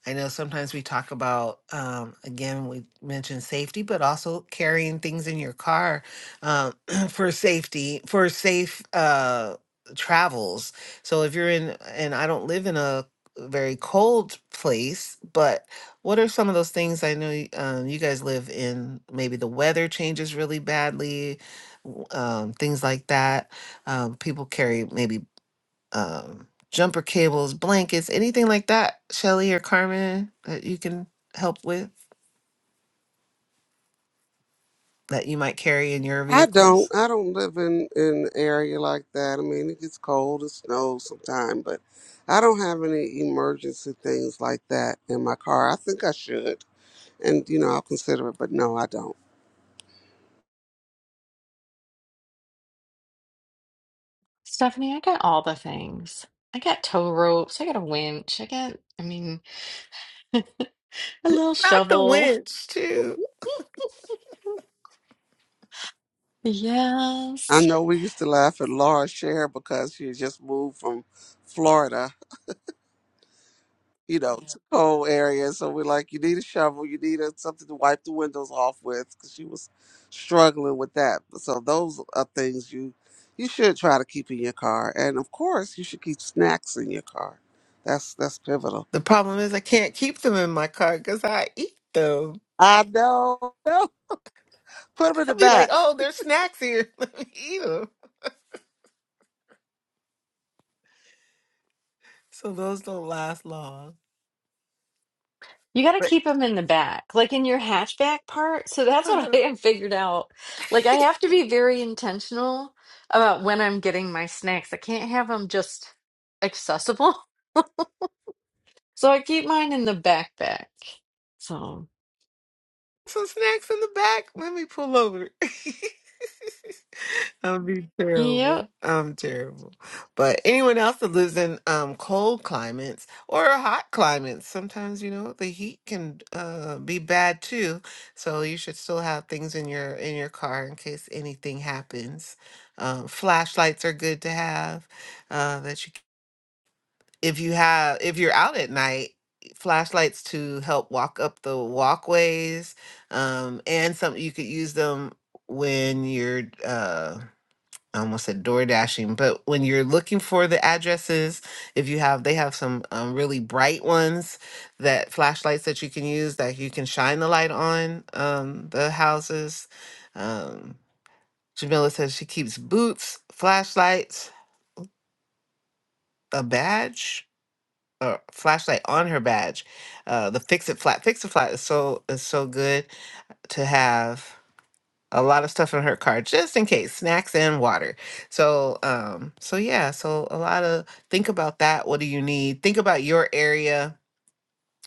Speaker 2: I know sometimes we talk about, um, again, we mentioned safety, but also carrying things in your car um, (clears throat) for safety, for safe uh, travels. So if you're in, and I don't live in a very cold place, but what are some of those things I know y- um, you guys live in? Maybe the weather changes really badly, w- um, things like that. Um, people carry maybe um, jumper cables, blankets, anything like that, Shelly or Carmen, that you can help with that you might carry in your
Speaker 5: I don't.
Speaker 2: vehicles?
Speaker 5: I don't live in in an area like that. I mean, it gets cold It snows sometimes, but I don't have any emergency things like that in my car. I think I should, and you know, I'll consider it, but no, I don't.
Speaker 4: Stephanie, I got all the things. I got tow ropes, I got a winch, I got I mean (laughs) a little
Speaker 2: Not the
Speaker 4: shovel.
Speaker 2: winch,
Speaker 4: (laughs)
Speaker 2: too.
Speaker 5: I
Speaker 4: Yes.
Speaker 5: know we used to laugh at Laura Sher because she had just moved from Florida you know, it's a cold area. So we're like, you need a shovel, you need a, something to wipe the windows off with, because she was struggling with that. So those are things you you should try to keep in your car, and of course, you should keep snacks in your car. That's that's pivotal.
Speaker 2: The problem is I can't keep them in my car because I eat them.
Speaker 5: I know. (laughs) No, put them in
Speaker 2: (laughs)
Speaker 5: the
Speaker 2: I'll be like,
Speaker 5: back.
Speaker 2: oh, there's snacks here. (laughs) Let me eat them. So those don't last long.
Speaker 4: You got to
Speaker 2: But
Speaker 4: keep them in the back, like in your hatchback part. So
Speaker 2: (laughs)
Speaker 4: that's what I have figured out. Like I have to be very intentional about when I'm getting my snacks. I can't have them just accessible. So I keep mine in the backpack. So,
Speaker 2: some snacks in the back. Let me pull over. (laughs) I'll be
Speaker 4: yep.
Speaker 2: terrible. I'm terrible. But anyone else that lives in um, cold climates or hot climates, sometimes you know the heat can uh, be bad too. So you should still have things in your in your car in case anything happens. Um, flashlights are good to have. Uh, that you c- if you have if you're out at night, flashlights to help walk up the walkways. Um, and some you could use them when you're. Uh, I almost said door dashing, but when you're looking for the addresses, if you have, they have some um, really bright ones that flashlights that you can use that you can shine the light on um, the houses. Um, Jamila says she keeps boots, flashlights, a badge, or flashlight on her badge. Uh, the fix it flat, fix it flat is so is so good to have a lot of stuff in her car just in case snacks and water so um so yeah so a lot of think about that what do you need think about your area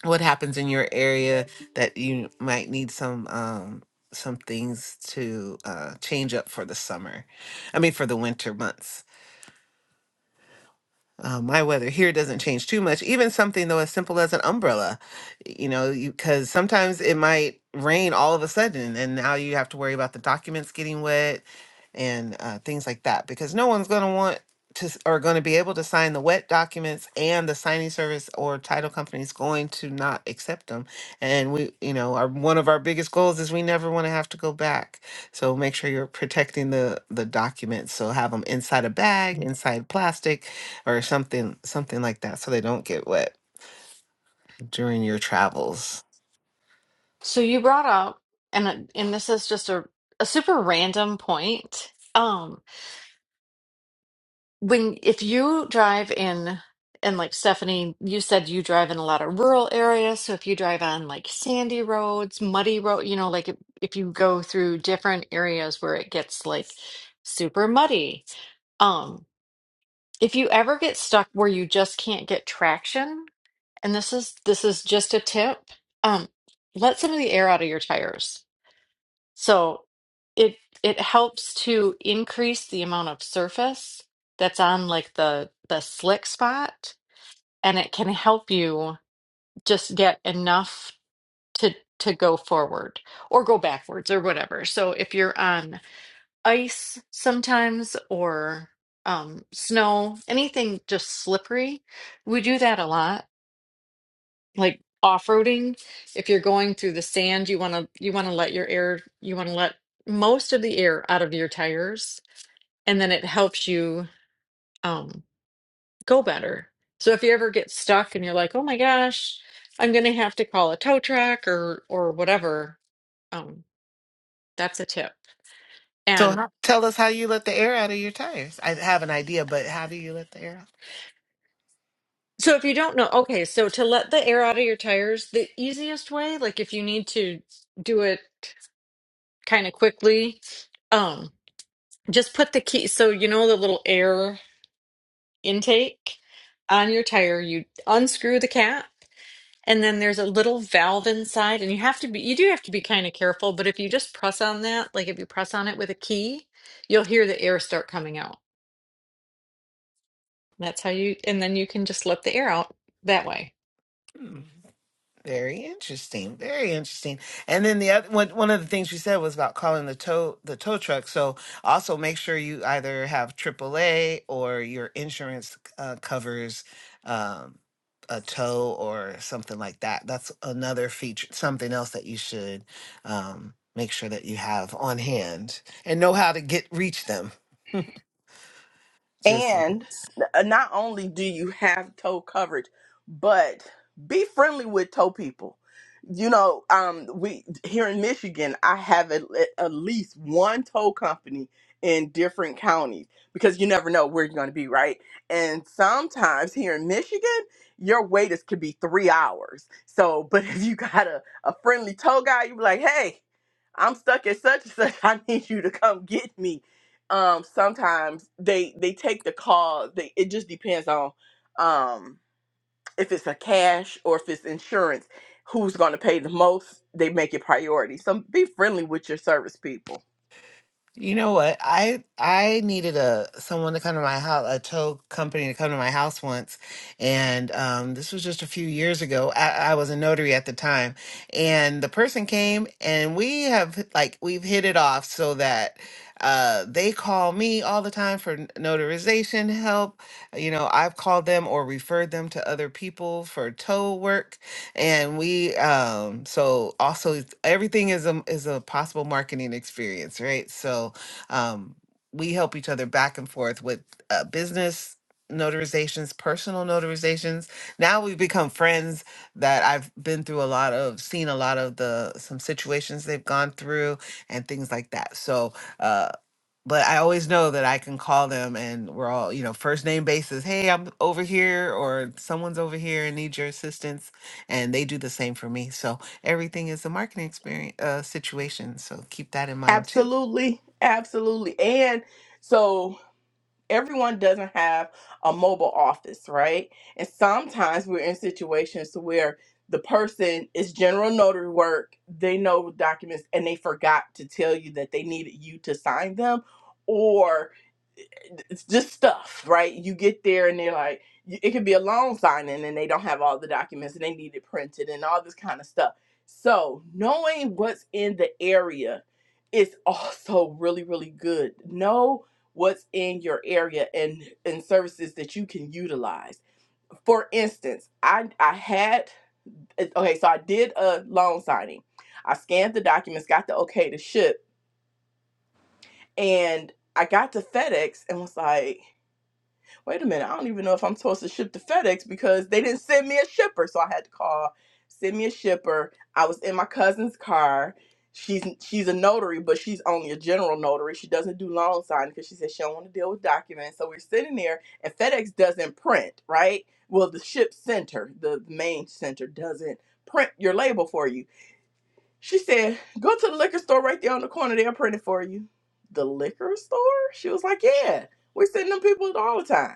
Speaker 2: what happens in your area that you might need some um some things to uh change up for the summer i mean for the winter months uh, my weather here doesn't change too much. Even something though as simple as an umbrella, you know, because sometimes it might rain all of a sudden, and now you have to worry about the documents getting wet and uh, things like that. Because no one's going to want to s- or going to be able to sign the wet documents, and the signing service or title company is going to not accept them. And we, you know, our one of our biggest goals is we never want to have to go back. So make sure you're protecting the the documents. So have them inside a bag, inside plastic or something something like that so they don't get wet during your travels.
Speaker 4: So you brought up, and and this is just a a super random point. Um, when if you drive in, and like Stephanie, you said you drive in a lot of rural areas. So if you drive on like sandy roads, muddy road, you know, like if, if you go through different areas where it gets like super muddy, um, if you ever get stuck where you just can't get traction and this is this is just a tip um let some of the air out of your tires so it it helps to increase the amount of surface that's on like the the slick spot and it can help you just get enough to to go forward or go backwards or whatever so if you're on ice sometimes or um snow anything just slippery we do that a lot like off-roading if you're going through the sand you want to you want to let your air you want to let most of the air out of your tires and then it helps you um, go better so if you ever get stuck and you're like oh my gosh i'm gonna have to call a tow truck or or whatever um, that's a tip
Speaker 2: So
Speaker 4: and
Speaker 2: how, tell us how you let the air out of your tires. I have an idea, but how do you let the air
Speaker 4: so if you don't know okay so to let the air out of your tires the easiest way like if you need to do it kind of quickly um. just put the key so you know the little air intake on your tire you unscrew the cap and then there's a little valve inside and you have to be you do have to be kind of careful but if you just press on that like if you press on it with a key you'll hear the air start coming out that's how you and then you can just let the air out that way
Speaker 2: out? Very interesting. Very interesting. And then the other one, one of the things you said was about calling the tow the tow truck. So also make sure you either have AAA or your insurance uh, covers um, a tow or something like that. That's another feature, something else that you should um, make sure that you have on hand and know how to get reach them. Just in
Speaker 1: And
Speaker 2: case.
Speaker 1: not only do you have toe coverage, but be friendly with toe people. You know, um, we here in Michigan, I have at, at least one tow company in different counties because you never know where you're going to be, right? And sometimes here in Michigan, your wait is could be three hours. So, (laughs) but if you got a, a friendly tow guy, you be like, hey, I'm stuck at such and such. (laughs) I need you to come get me um sometimes they they take the call they it just depends on um if it's a cash or if it's insurance who's going to pay the most they make it priority so be friendly with your service people
Speaker 2: You know what? I I needed a someone to come to my house, a tow company to come to my house once, and um, this was just a few years ago. I, I was a notary at the time, and the person came, and we have like we've hit it off so that uh, they call me all the time for n- notarization help. You know, I've called them or referred them to other people for tow work and we um so also it's- everything is a is a possible marketing experience right so um we help each other back and forth with uh, business notarizations personal notarizations now we've become friends that i've been through a lot of seen a lot of the some situations they've gone through and things like that so uh but I always know that I can call them and we're all, you know, first name basis. Hey, I'm over here or someone's over here and need your assistance. And they do the same for me. So everything is a marketing experience uh, situation. So keep that in mind too.
Speaker 1: absolutely absolutely and so everyone doesn't have a mobile office, right? And sometimes we're in situations where the person is general notary work, they know documents and they forgot to tell you that they needed you to sign them or it's just stuff, right? You get there and they're like, y- it could be a loan signing and they don't have all the documents and they need it printed and all this kind of stuff. So, knowing what's in the area is (laughs) also really, really good. Know what's in your area and and services that you can utilize. For instance, I I had eh, okay, so I did a loan signing. I scanned the documents, got the okay to ship, and I got to FedEx and was like, wait a minute, I don't even know if I'm supposed to ship to FedEx because they didn't send me a shipper. So I had to call, send me a shipper. I was in my cousin's car. She's she's a notary, but she's only a general notary. She doesn't do loan signing because she says she don't want to deal with documents. So we're sitting there, and FedEx doesn't print, right? Well, the ship center, the main center, doesn't print your label for you. She said, "Go to the liquor store right there on the corner. They'll print it for you." The liquor store? She was like, "Yeah, we're sending them people all the time."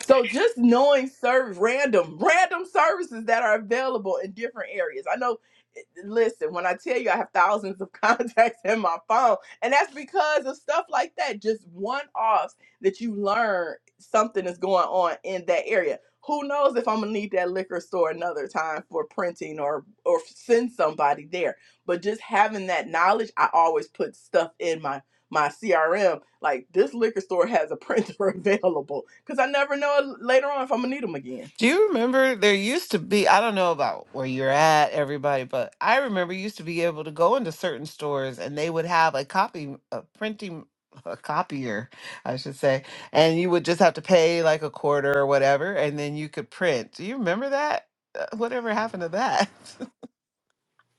Speaker 1: So just knowing serve random, random services that are available in different areas. I know. eh, Listen, when I tell you I have thousands of (laughs) contacts in my phone, and that's because of stuff like that, just one offs that you learn something is going on in that area. Who knows if I'm gonna need that liquor store another time for printing or or send somebody there. But just having that knowledge, I always put stuff in my my CRM, like this liquor store has a printer (laughs) available because I never know later on if I'm gonna need them again.
Speaker 2: Do you remember there used to be, I don't know about where you're at, everybody, but I remember you used to be able to go into certain stores and they would have a copy, a printing, (laughs) a copier, I should say, and you would just have to pay like a quarter or whatever, and then you could print. Do you remember that? Uh, Whatever happened to that?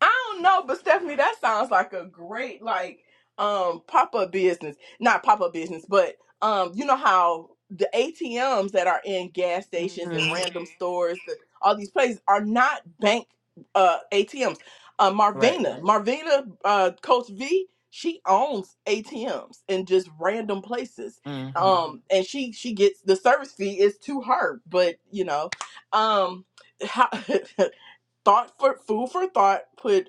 Speaker 1: I don't know, but Stephanie, that sounds like a great like um pop up business. Not pop up business, but um, you know how the ATMs that are in gas
Speaker 2: (laughs)
Speaker 1: stations and
Speaker 2: hmm
Speaker 1: random Mhm. stores, the, all these places are not bank uh ATMs. Uh,
Speaker 2: Right.
Speaker 1: Marvina, Marvina, uh, Coach V, she owns ATMs in just random places, Mhm.
Speaker 2: Mm-hmm.
Speaker 1: um, and she she gets the service fee is to her, but you know, um, how, (laughs) thought for food for thought. Put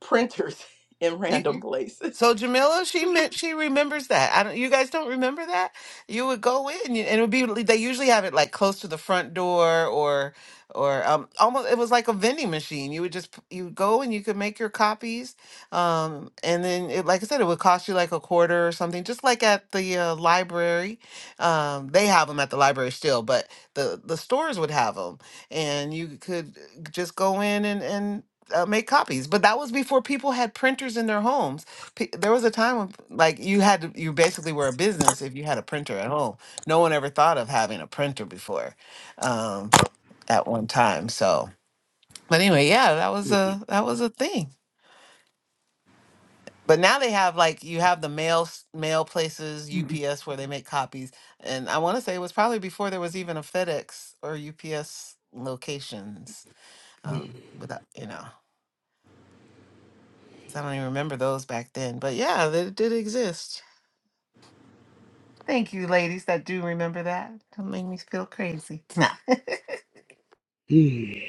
Speaker 1: printers (laughs) in random places.
Speaker 2: So Jamila, she meant she remembers that. I don't. You guys don't remember that? You would go in, you- and it would be. like, They usually have it like close to the front door, or, or um, almost. It was like a vending machine. You would just p- you would go and you could make your copies, um, and then it, like I said, it would cost you like a quarter or something. Just like at the uh, library, um, they have them at the library still, but the the stores would have them, and you could uh, just go in and and. Uh, make copies, but that was before people had printers in their homes pe- there was a time when like you had to, you basically were a business if you had a printer at home. No one ever thought of having a printer before um, at one time. So, but anyway, yeah, that was a that was a thing. But now they have like you have the mail s- mail places UPS where they make copies, and I want to say it was probably before there was even a FedEx or UPS locations. Um, without you know, 'cause I don't even remember those back then. But yeah, they did exist. Thank you, ladies, that do remember that. Don't make me feel crazy. (laughs) Nah.
Speaker 5: Mhm.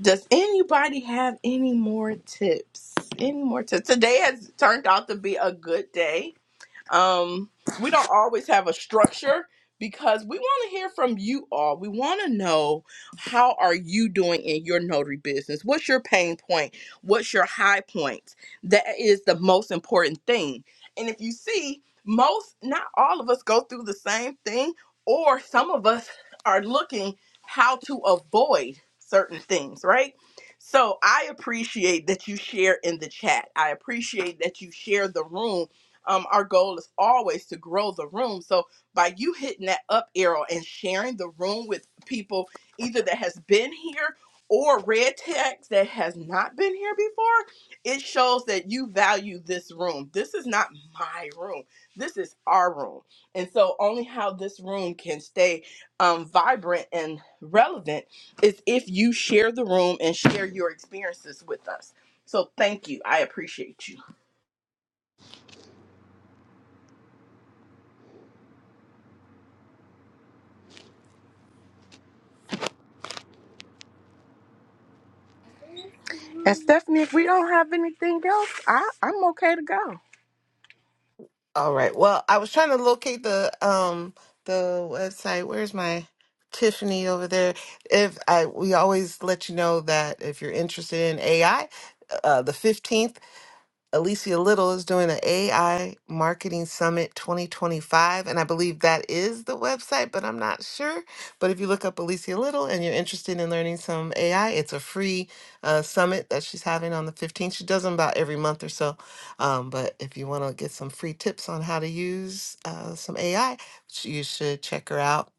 Speaker 1: Does anybody have any more tips? Any more tips? Today has turned out to be a good day. Um, we don't always have a structure because we want to hear from you all. We want to know how are you doing in your notary business? What's your pain point? What's your high points? That is the most important thing. And if you see, most not all of us go through the same thing or some of us are looking how to avoid certain things, right? So I appreciate that you share in the chat. I appreciate that you share the room um, our goal is always to grow the room. So by you hitting that up arrow and sharing the room with people either that has been here or red text that has not been here before, it shows that you value this room. This is not my room. This is our room. And so only how this room can stay um, vibrant and relevant is if you share the room and share your experiences with us. So thank you. I appreciate you. And Stephanie, if we don't have anything else, I, I'm okay to go.
Speaker 2: All right. Well, I was trying to locate the um the website. Where's my Tiffany over there? If I we always let you know that if you're interested in AI, uh, the 15th Alicia Little is doing an AI Marketing Summit 2025. And I believe that is the website, but I'm not sure. But if you look up Alicia Little and you're interested in learning some AI, it's a free uh, summit that she's having on the 15th. She does them about every month or so. Um, but if you want to get some free tips on how to use uh, some AI, sh- you should check her out.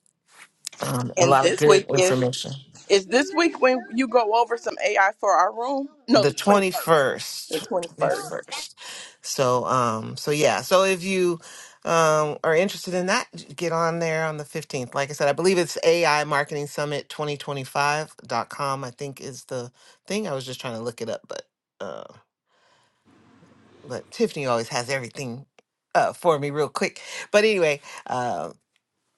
Speaker 2: Um, a
Speaker 1: And
Speaker 2: lot of
Speaker 1: this
Speaker 2: good
Speaker 1: week is
Speaker 2: information.
Speaker 1: is this week when you go over some AI for our room? No,
Speaker 2: the
Speaker 1: the twenty first. The
Speaker 2: 21st
Speaker 1: twenty first.
Speaker 2: 21st so um so yeah so if you um are interested in that j- get on there on the 15th like i said i believe it's ai marketing summit twenty twenty five dot com. i think is the thing i was just trying to look it up but uh but tiffany always has everything uh for me real quick but anyway uh,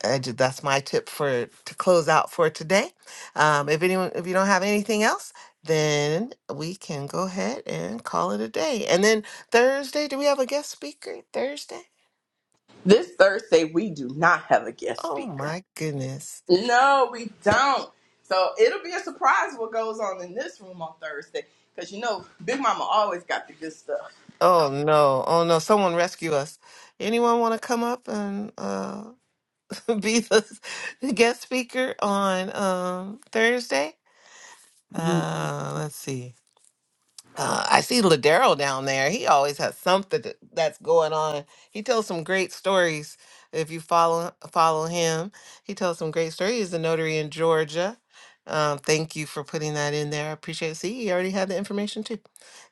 Speaker 2: I ju- that's my tip for to close out for today. Um, if anyone, if you don't have anything else, then we can go ahead and call it a day. And then Thursday, do we have a guest speaker Thursday?
Speaker 1: This Thursday we do not have a guest
Speaker 2: Oh
Speaker 1: speaker.
Speaker 2: my goodness!
Speaker 1: No, we don't. So it'll be a surprise what goes on in this room on Thursday. Because, you know, Big Mama always got the good stuff.
Speaker 2: Oh no! Oh no! Someone rescue us! Anyone want to come up and uh, (laughs) be the guest speaker on um, Thursday? Uh, let's see. Uh, I see Ladero down there. He always has something th- that's going on. He tells some great stories. If you follow follow him, he tells some great stories. He's a notary in Georgia. Um, thank you for putting that in there. I appreciate it. See, you already had the information too.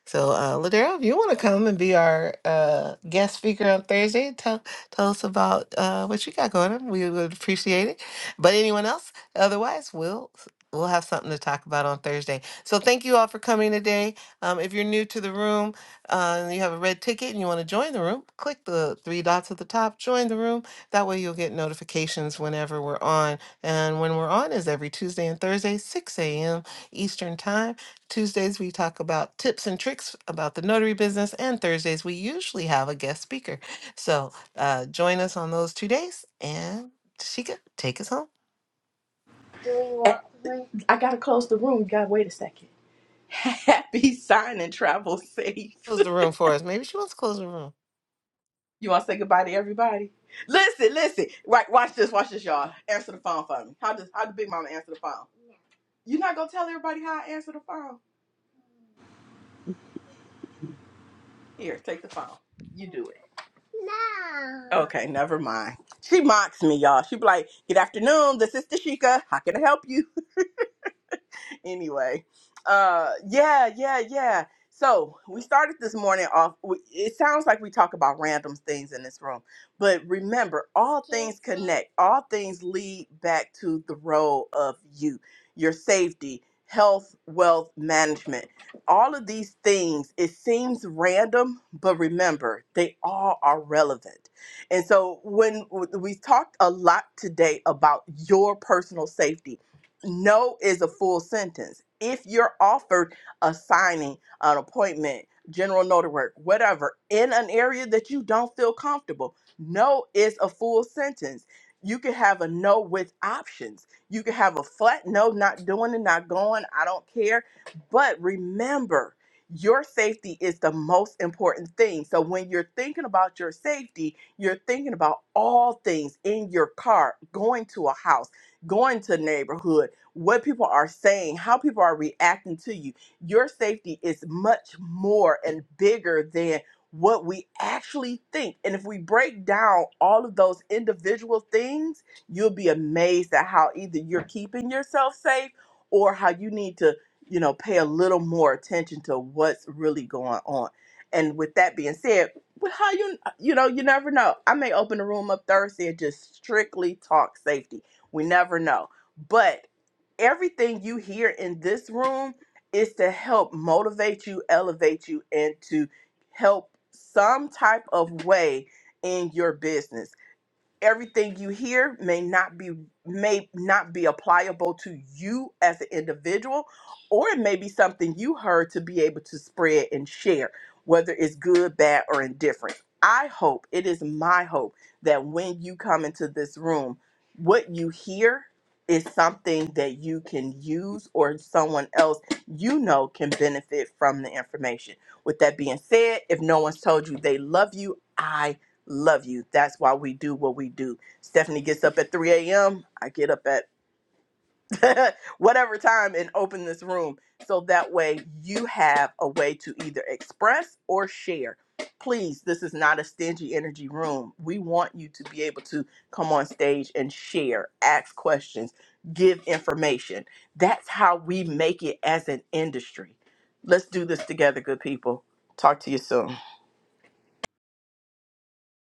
Speaker 2: So, uh, Ladera, if you want to come and be our uh, guest speaker on Thursday, tell tell us about uh, what you got going on. We would appreciate it. But anyone else, otherwise, we'll we'll have something to talk about on Thursday. So, thank you all for coming today. Um, if you're new to the room uh, and you have a red ticket and you want to join the room, click the three dots at the top, join the room. That way, you'll get notifications whenever we're on. And when we're on is every Tuesday and Thursday, 6 a.m. Eastern Time. Tuesdays, we talk about tips and tricks about the notary business. And Thursdays, we usually have a guest speaker. So uh, join us on those two days. And Tashika, take us home.
Speaker 1: And I got to close the room. You got to wait a second. (laughs) Happy sign and travel safe.
Speaker 2: Close
Speaker 1: (laughs)
Speaker 2: the room for us. Maybe she wants to close the room.
Speaker 1: You want to say goodbye to everybody? Listen, listen. Right, watch this, watch this, y'all. Answer the phone for me. How does how does Big Mama answer the phone? You're not going to tell everybody how I answer the phone? Here, take the phone. You do it. No. Okay, never mind. She mocks me, y'all. She be like, Good afternoon, this is Tashika. How can I help you? (laughs) anyway, uh, yeah, yeah, yeah. So we started this morning off. we- It sounds like we talk about random things in this room, but remember, all things connect. All things lead back to the role of you, your safety, health, wealth management. All of these things. It seems random, but remember, they all are relevant. And so when we talked a lot today about your personal safety no is a full sentence. If you're offered a signing, an appointment, general notary work, whatever, in an area that you don't feel comfortable, no is a full sentence. You can have a no with options. You can have a flat no, not doing it, not going, I don't care. But remember, your safety is the most important thing. So when you're thinking about your safety, you're thinking about all things in your car, going to a house going to neighborhood, what people are saying, how people are reacting to you. Your safety is much more and bigger than what we actually think. And if we break down all of those individual things, you'll be amazed at how either you're keeping yourself safe or how you need to, you know, pay a little more attention to what's really going on. And with that being said, but how you you know you never know. I may open the room up Thursday and just strictly talk safety we never know. But everything you hear in this room is to help motivate you, elevate you, and to help some type of way in your business everything you hear may not be may not be applicable to you as an individual or it may be something you heard to be able to spread and share whether it's good bad or indifferent i hope it is my hope that when you come into this room what you hear is something that you can use or someone else you know can benefit from the information with that being said if no one's told you they love you i love you. That's why we do what we do. Stephanie gets up at 3 a.m. I get up at (laughs) whatever time and open this room. So that way you have a way to either express or share. Please, this is not a stingy energy room. We want you to be able to come on stage and share, ask questions, give information. That's how we make it as an industry. Let's do this together, good people. Talk to you soon.